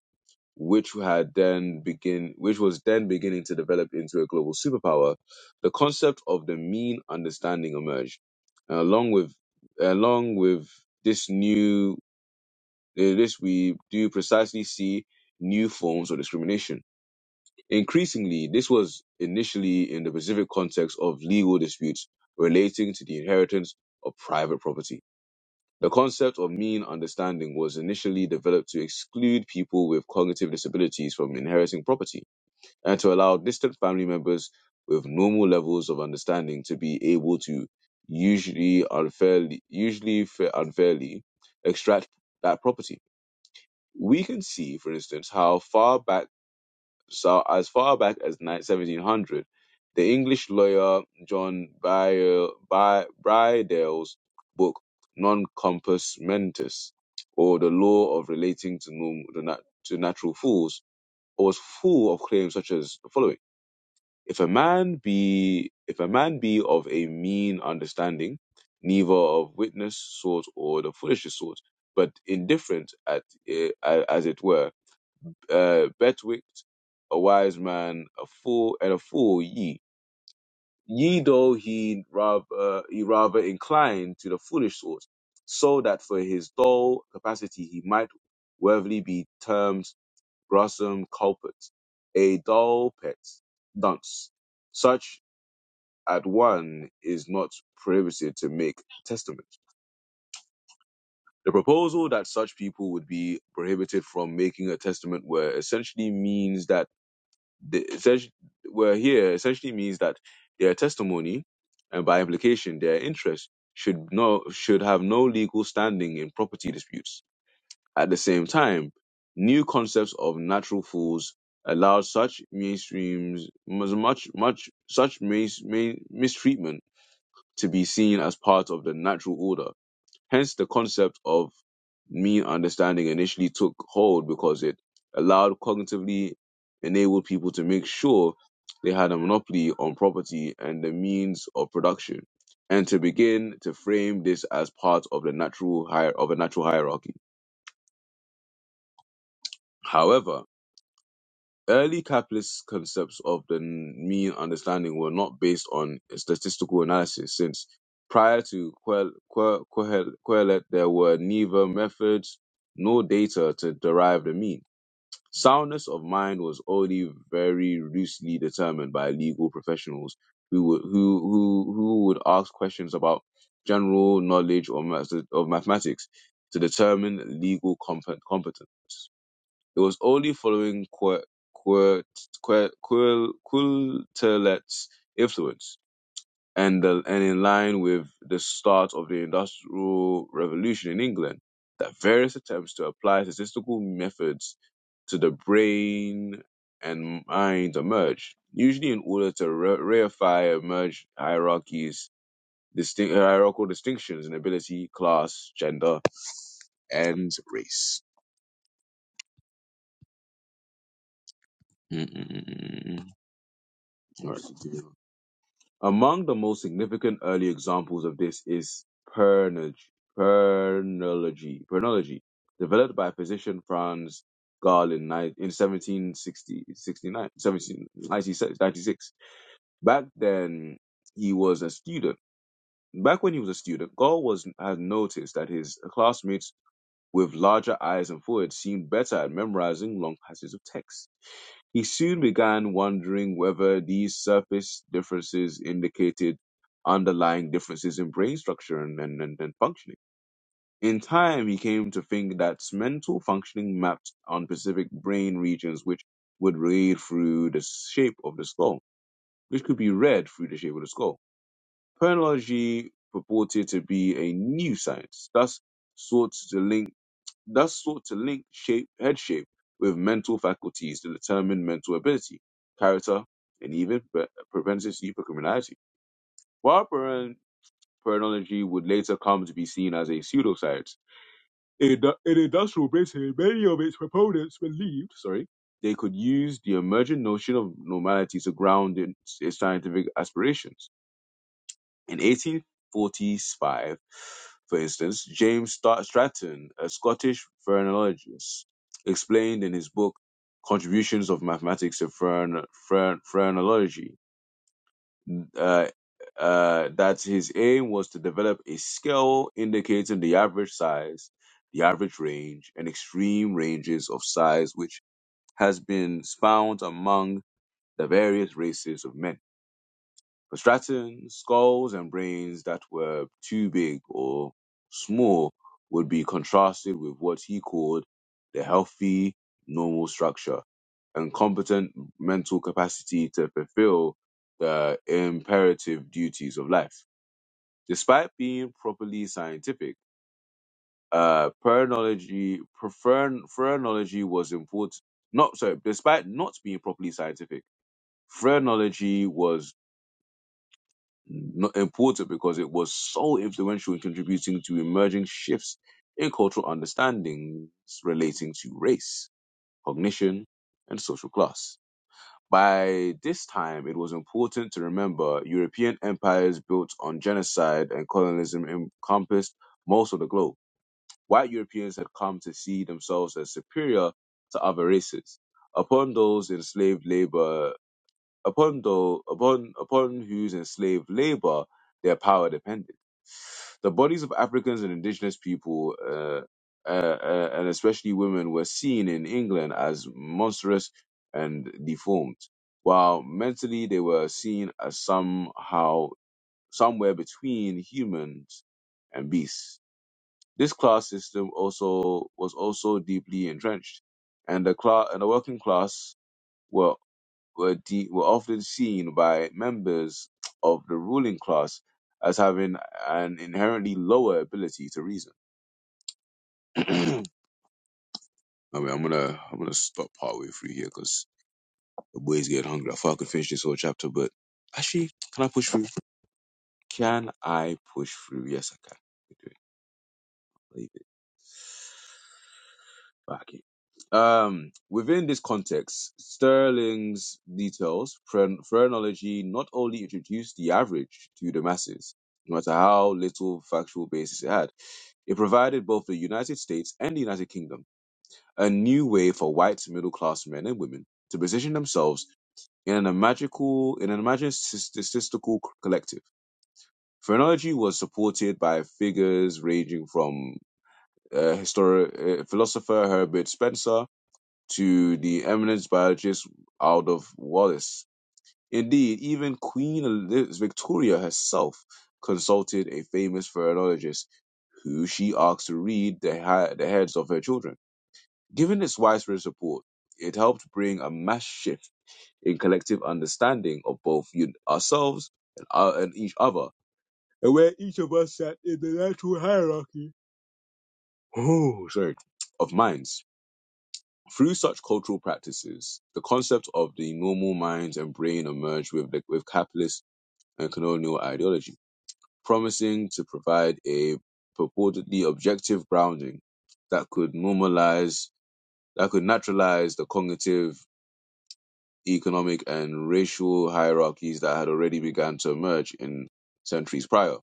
[SPEAKER 1] which had then begin which was then beginning to develop into a global superpower, the concept of the mean understanding emerged. And along with along with this new eh, this we do precisely see new forms of discrimination. Increasingly, this was initially in the specific context of legal disputes relating to the inheritance of private property. The concept of mean understanding was initially developed to exclude people with cognitive disabilities from inheriting property and to allow distant family members with normal levels of understanding to be able to usually unfairly usually fa- unfairly extract that property. We can see, for instance, how far back so as far back as ni- 1700, the English lawyer John Bry- Bry- Brydale's book Non Compos Mentis, or the law of relating to norm- to, nat- to natural fools, was full of claims such as the following if a man be if a man be of a mean understanding, neither of witness sort or the foolishest sort, but indifferent at eh, as it were, uh, betwixt a wise man, a fool, and a fool ye. Ye though he rather he rather inclined to the foolish sort, so that for his dull capacity he might worthily be termed gruesome culprit, a dull pet, dunce. Such at one is not prohibited to make testaments. The proposal that such people would be prohibited from making a testament were essentially means that the essentially, were here essentially means that their testimony and by implication their interest should no should have no legal standing in property disputes. At the same time, new concepts of natural fools allowed such mainstreams much much such main, main, mistreatment to be seen as part of the natural order. Hence, the concept of mean understanding initially took hold because it allowed cognitively enabled people to make sure they had a monopoly on property and the means of production, and to begin to frame this as part of the natural hier- of a natural hierarchy. However, early capitalist concepts of the mean understanding were not based on statistical analysis, since prior to Quel- Que- Quehel- Quetelet, there were neither methods nor data to derive the mean. Soundness of mind was only very loosely determined by legal professionals who would, who, who, who would ask questions about general knowledge or math- of mathematics to determine legal compe- competence. It was only following Quer- Quer- Quer- Quer- Quilterlet's influence and, the, and in line with the start of the Industrial Revolution in England that various attempts to apply statistical methods to the brain and mind emerged, usually in order to re- reify emerged hierarchies, distinct hierarchical distinctions in ability, class, gender, and race. mm mm mm Among the most significant early examples of this is pernog- pernology, pernology, developed by physician Franz Gall in, ni- in 1760, Back then, he was a student. Back when he was a student, Gall was had noticed that his classmates with larger eyes and foreheads seemed better at memorizing long passages of text. He soon began wondering whether these surface differences indicated underlying differences in brain structure and, and, and, and functioning. In time, he came to think that mental functioning mapped on specific brain regions, which would read through the shape of the skull, which could be read through the shape of the skull. Penology purported to be a new science, thus sought to link thus sought to link shape, head shape with mental faculties to determine mental ability, character, and even pre- propensity for criminality. While paran- paranology would later come to be seen as a pseudoscience, in, the- in industrial Britain, many of its proponents believed, sorry, they could use the emergent notion of normality to ground its its scientific aspirations. In 1845, for instance, James Stra- Stratton, a Scottish phrenologist, explained in his book Contributions of Mathematics to Phrenology Phre- Phrenology uh, uh, that his aim was to develop a scale indicating the average size, the average range, and extreme ranges of size, which has been found among the various races of men. For Stratton, skulls and brains that were too big or small would be contrasted with what he called the healthy, normal structure and competent mental capacity to fulfill the imperative duties of life. Despite being properly scientific, uh, phrenology, phre- phrenology was important. Not sorry, despite not being properly scientific, phrenology was Not important because it was so influential in contributing to emerging shifts in cultural understandings relating to race, cognition, and social class. By this time, it was important to remember European empires built on genocide and colonialism encompassed most of the globe. White Europeans had come to see themselves as superior to other races. Upon those enslaved labor upon though upon upon whose enslaved labor their power depended. The bodies of Africans and indigenous people, uh, uh, uh, and especially women, were seen in England as monstrous and deformed, while mentally they were seen as somehow somewhere between humans and beasts. This class system also was also deeply entrenched, and the class and the working class were were, de- were often seen by members of the ruling class as having an inherently lower ability to reason. I mean, I'm gonna I'm gonna stop partway through here because the boys get hungry. I thought I could finish this whole chapter, but actually, can I push through? Can I push through? Yes, I can. I can Do it. Leave it. Okay. Um, within this context, Sterling's details, phre- phrenology not only introduced the average to the masses, no matter how little factual basis it had, it provided both the United States and the United Kingdom a new way for white middle class men and women to position themselves in an magical, in an imagined statistical collective. Phrenology was supported by figures ranging from uh, historic, uh, philosopher Herbert Spencer to the eminent biologist Aldous Wallace. Indeed, even Queen Eliz- Victoria herself consulted a famous phrenologist who she asked to read the, ha- the heads of her children. Given this widespread support, it helped bring a mass shift in collective understanding of both un- ourselves and, our- and each other, and where each of us sat in the natural hierarchy oh, sorry, of minds. Through such cultural practices, the concept of the normal mind and brain emerged with, the, with capitalist and colonial ideology, promising to provide a purportedly objective grounding that could normalize, that could naturalize the cognitive, economic, and racial hierarchies that had already begun to emerge in centuries prior.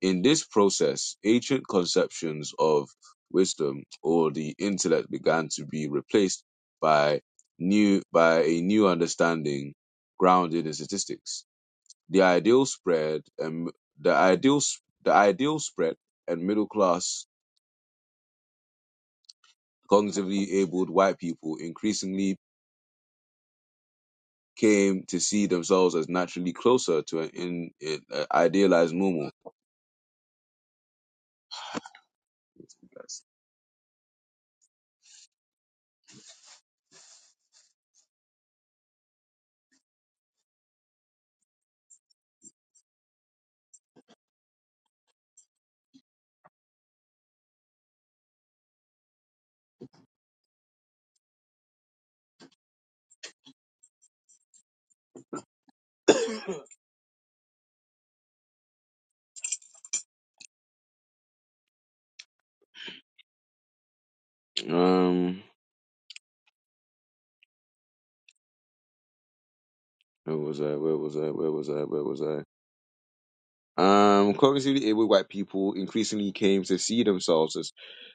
[SPEAKER 1] In this process, ancient conceptions of wisdom or the intellect began to be replaced by new by a new understanding grounded in statistics. The ideal spread and the ideal the ideal spread and middle class cognitively abled white people increasingly came to see themselves as naturally closer to an in, in, uh, idealized normal. Um, where was I? Where was I? Where was I? Where was I? Um, cognitively able white people increasingly came to see themselves as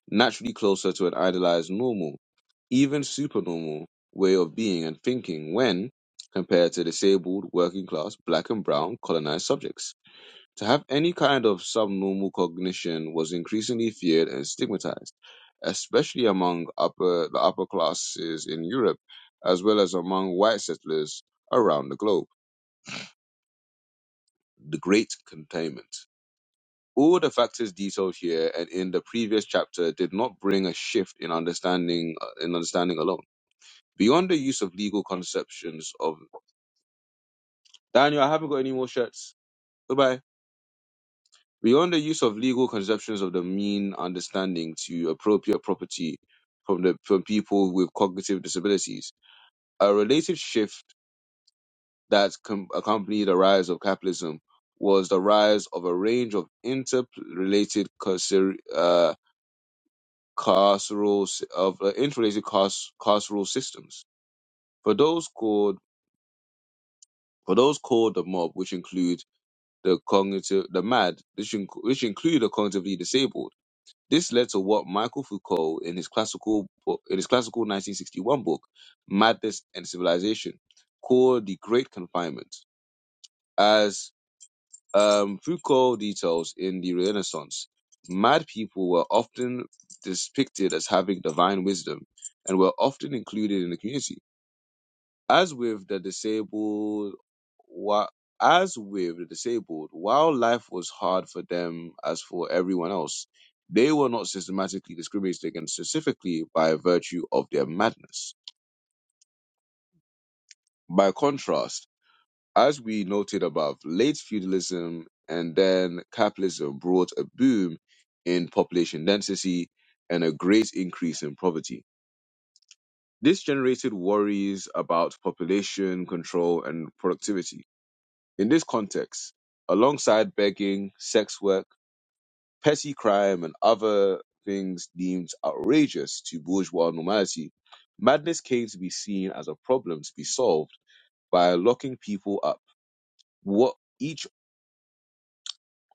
[SPEAKER 1] naturally closer to an idealized normal, even supernormal, way of being and thinking when compared to disabled, working class, black and brown colonized subjects. To have any kind of subnormal cognition was increasingly feared and stigmatized, especially among upper the upper classes in Europe, as well as among white settlers around the globe. The Great Containment. All the factors detailed here and in the previous chapter did not bring a shift in understanding uh, in understanding alone. Beyond the use of legal conceptions of Daniel, I haven't got any more shirts. Goodbye. Beyond the use of legal conceptions of the mean understanding to appropriate property from the from people with cognitive disabilities, a related shift that com- accompanied the rise of capitalism was the rise of a range of interrelated conser- uh, carceral sy- of uh, interrelated carc- carceral systems. For those called for those called the mob, which include the cognitive the mad, which, inc- which include the cognitively disabled. This led to what Michael Foucault in his classical book, in his classical 1961 book, Madness and Civilization, called the Great Confinement. as. um, Foucault details in the Renaissance, mad people were often depicted as having divine wisdom and were often included in the community. As with the disabled, wa- as with the disabled, while life was hard for them as for everyone else, they were not systematically discriminated against specifically by virtue of their madness. By contrast, As we noted above, late feudalism and then capitalism brought a boom in population density and a great increase in poverty. This generated worries about population control and productivity. In this context, alongside begging, sex work, petty crime, and other things deemed outrageous to bourgeois normality, madness came to be seen as a problem to be solved by locking people up. What each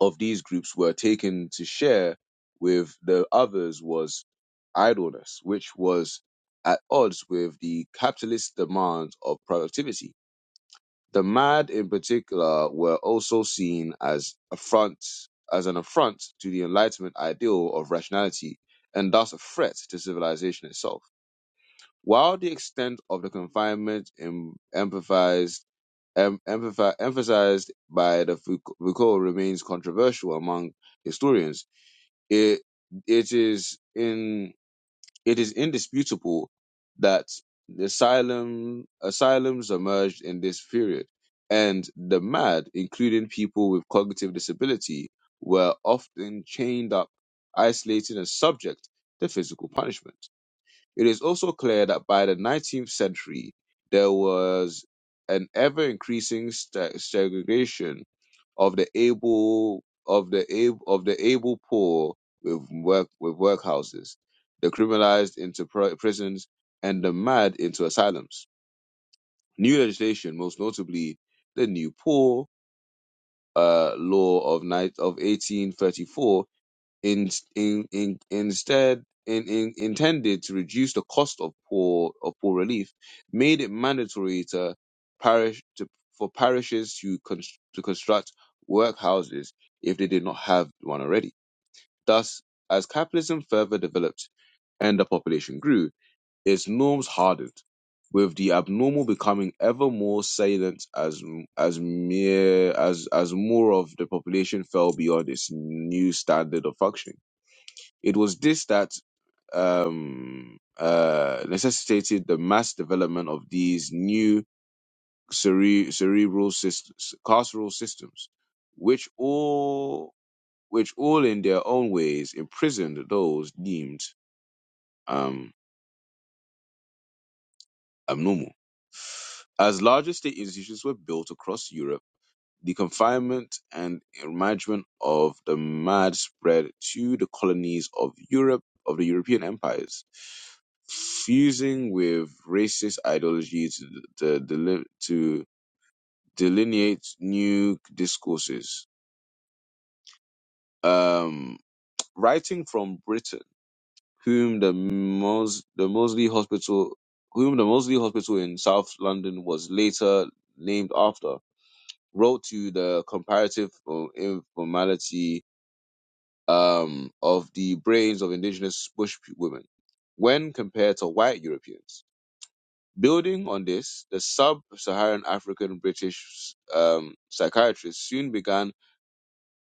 [SPEAKER 1] of these groups were taken to share with the others was idleness, which was at odds with the capitalist demand of productivity. The mad in particular were also seen as affront as an affront to the Enlightenment ideal of rationality and thus a threat to civilization itself. While the extent of the confinement em- emphasized em- empathi- emphasized by the Fouc- Foucault remains controversial among historians. It it is in it is indisputable that the asylum asylums emerged in this period, and the mad, including people with cognitive disability, were often chained up, isolated, and subject to physical punishment. It is also clear that by the 19th century, there was an ever increasing sta segregation of the able of the able of the able poor with work with workhouses, the criminalized into pr- prisons, and the mad into asylums. New legislation, most notably the New Poor uh, Law of, ni- of 1834, in, in, in, instead in, in, intended to reduce the cost of poor of poor relief, made it mandatory to parish to, for parishes to const, to construct workhouses if they did not have one already. Thus, as capitalism further developed and the population grew, its norms hardened, with the abnormal becoming ever more salient as as mere as as more of the population fell beyond its new standard of functioning. It was this that um, uh, necessitated the mass development of these new cere- cerebral systems, carceral systems, which all, which all in their own ways imprisoned those deemed um, abnormal. As larger state institutions were built across Europe The confinement and emargement of the mad spread to the colonies of Europe of the European empires, fusing with racist ideology to, to, deli- to delineate new discourses. Um, writing from Britain, whom the, Mos- the Mosley Hospital, whom the Mosley Hospital in South London was later named after, wrote to the comparative uh, informality um, of the brains of indigenous bush women when compared to white Europeans. Building on this, the sub Saharan African British um, psychiatrists soon began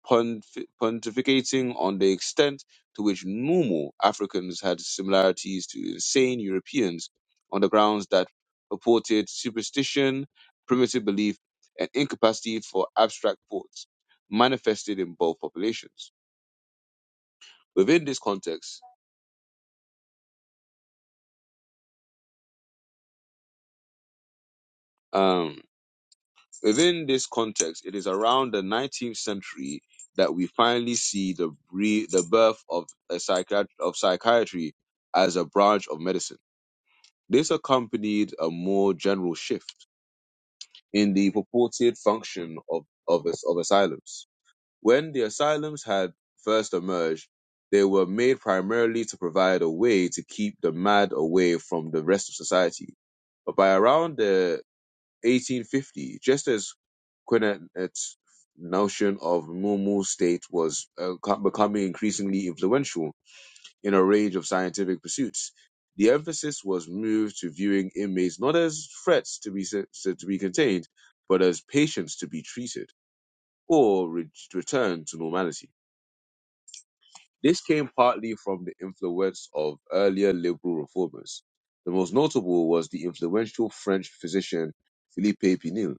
[SPEAKER 1] pontif- pontificating on the extent to which normal Africans had similarities to insane Europeans on the grounds that purported superstition, primitive belief, and incapacity for abstract thoughts manifested in both populations. Within this context, Um, within this context, it is around the 19th century that we finally see the bre- the birth of a psychiat- of psychiatry as a branch of medicine. This accompanied a more general shift in the purported function of of, as- of asylums. When the asylums had first emerged, they were made primarily to provide a way to keep the mad away from the rest of society. But by around the 1850, just as Quinet's notion of normal state was uh, becoming increasingly influential in a range of scientific pursuits. The emphasis was moved to viewing inmates not as threats to be to be contained, but as patients to be treated or re- returned to normality. This came partly from the influence of earlier liberal reformers. The most notable was the influential French physician Philippe Pinel,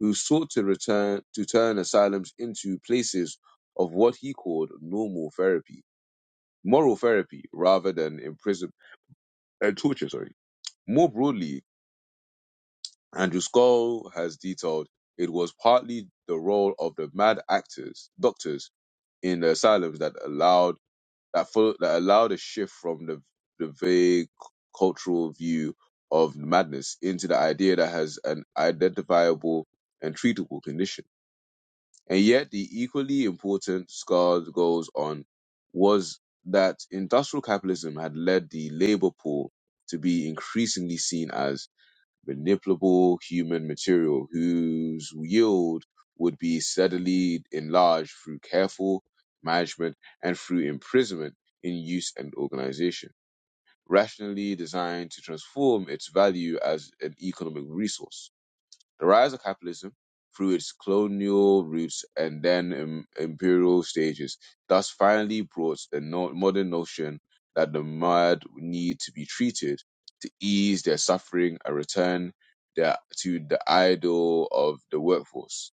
[SPEAKER 1] who sought to return to turn asylums into places of what he called normal therapy, moral therapy, rather than imprisonment and torture. Sorry. More broadly, Andrew Scull has detailed it was partly the role of the mad actors, doctors in the asylums that allowed that fol- that allowed a shift from the the vague cultural view of madness into the idea that has an identifiable and treatable condition And yet, the equally important Scard goes on was that industrial capitalism had led the labor pool to be increasingly seen as manipulable human material whose yield would be steadily enlarged through careful management and through imprisonment in use and organization, rationally designed to transform its value as an economic resource the rise of capitalism through its colonial roots and then im- imperial stages thus finally brought the no- modern notion that the mad need to be treated to ease their suffering and return their, to the ideal of the workforce.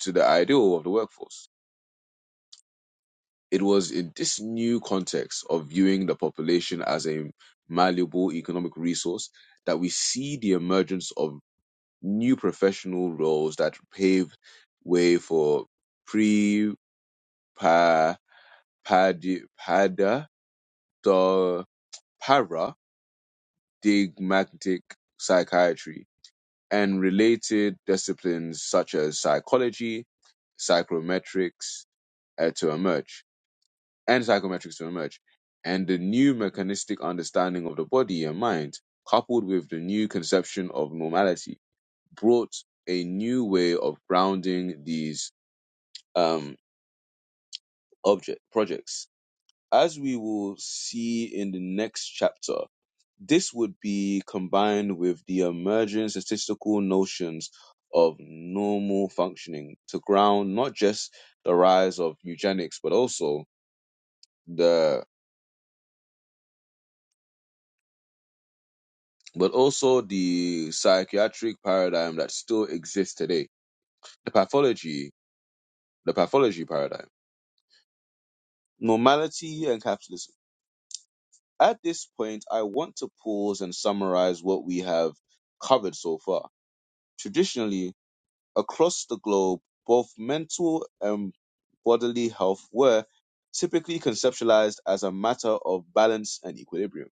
[SPEAKER 1] To the ideal of the workforce. It was in this new context of viewing the population as a malleable economic resource that we see the emergence of new professional roles that paved way for pre padi- pada do- paradigmatic psychiatry and related disciplines such as psychology, psychometrics uh, to emerge, and psychometrics to emerge, and the new mechanistic understanding of the body and mind, coupled with the new conception of normality, brought a new way of grounding these um, object projects. As we will see in the next chapter, this would be combined with the emerging statistical notions of normal functioning to ground not just the rise of eugenics, but also the but also the psychiatric paradigm that still exists today, the pathology, the pathology paradigm, normality and capitalism. At this point, I want to pause and summarize what we have covered so far. Traditionally, across the globe, both mental and bodily health were typically conceptualized as a matter of balance and equilibrium.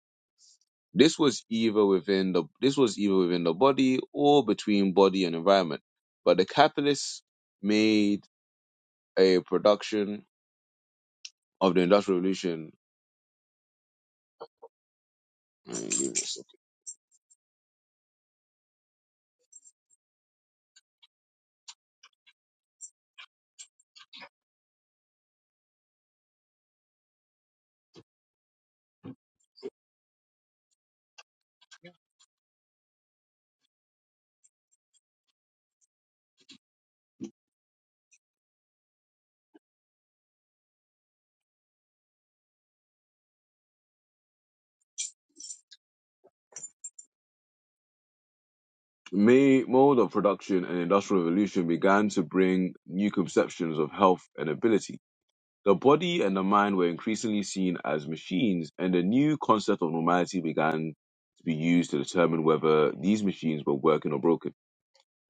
[SPEAKER 1] This was either within the this was either within the body or between body and environment. But the capitalists made a production of the Industrial Revolution May mode of production and industrial revolution began to bring new conceptions of health and ability. The body and the mind were increasingly seen as machines, and a new concept of normality began to be used to determine whether these machines were working or broken.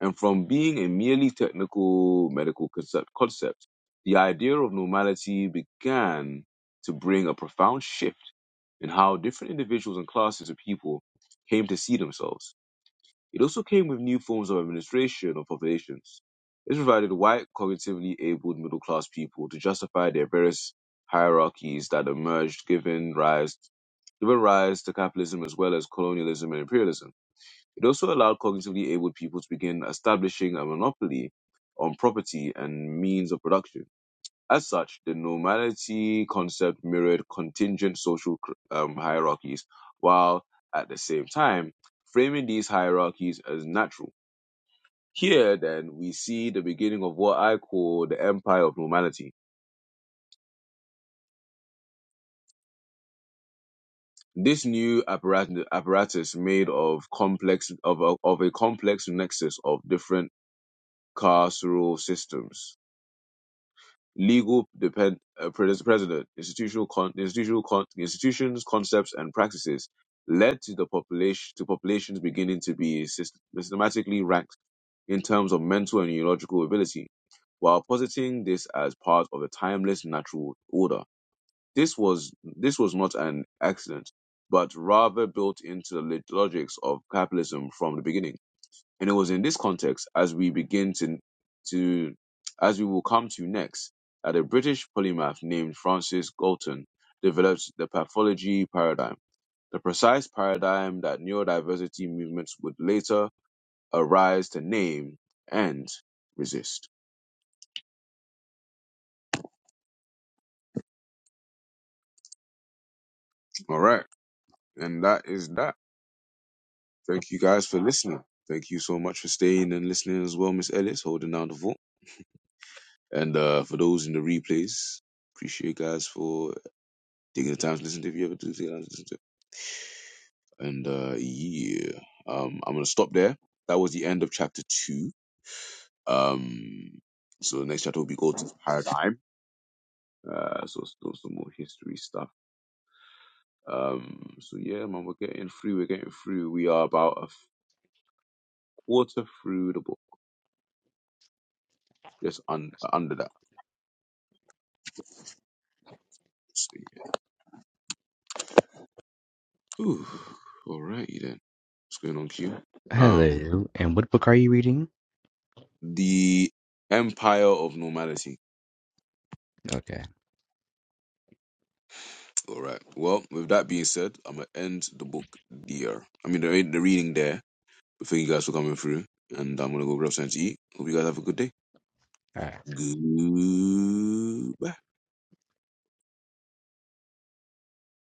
[SPEAKER 1] And from being a merely technical medical concept, concept the idea of normality began to bring a profound shift in how different individuals and classes of people came to see themselves. It also came with new forms of administration of populations. This provided white, cognitively abled middle class people to justify their various hierarchies that emerged, giving rise given rise to capitalism as well as colonialism and imperialism. It also allowed cognitively abled people to begin establishing a monopoly on property and means of production. As such, the normality concept mirrored contingent social um, hierarchies, while at the same time framing these hierarchies as natural. Here, then, we see the beginning of what I call the empire of normality. This new apparatus, apparatus made of complex of a, of a complex nexus of different carceral systems legal depend, uh, pres- precedent, institutional con, institutional con, institutions, concepts, and practices led to the population to populations beginning to be syst- systematically ranked in terms of mental and neurological ability, while positing this as part of a timeless natural order. This was this was not an accident, but rather built into the logics of capitalism from the beginning. And it was in this context, as we begin to, to as we will come to next, that a British polymath named Francis Galton developed the pathology paradigm, the precise paradigm that neurodiversity movements would later arise to name and resist. All right. And that is that. Thank you guys for listening. Thank you so much for staying and listening as well, Miss Ellis, holding down the fort. And uh, for those in the replays, appreciate you guys for Taking the time to listen to if you ever do take the time to listen to. And uh yeah. Um I'm gonna stop there. That was the end of chapter two. Um so the next chapter will be go to paradigm. Uh so still some more history stuff. Um so yeah, man, we're getting through, we're getting through. We are about a quarter through the book. Just un- under that. So, yeah. Ooh, alrighty then. What's going on, Q? Um
[SPEAKER 4] Hello. And what book are you reading?
[SPEAKER 1] the Empire of Normality.
[SPEAKER 4] Okay.
[SPEAKER 1] All right. Well, with that being said, I'm gonna end the book there. I mean, the, re- the reading there. But thank you guys for coming through, and I'm gonna go grab something to eat. Hope you guys have a good day.
[SPEAKER 4] All right.
[SPEAKER 1] Goodbye.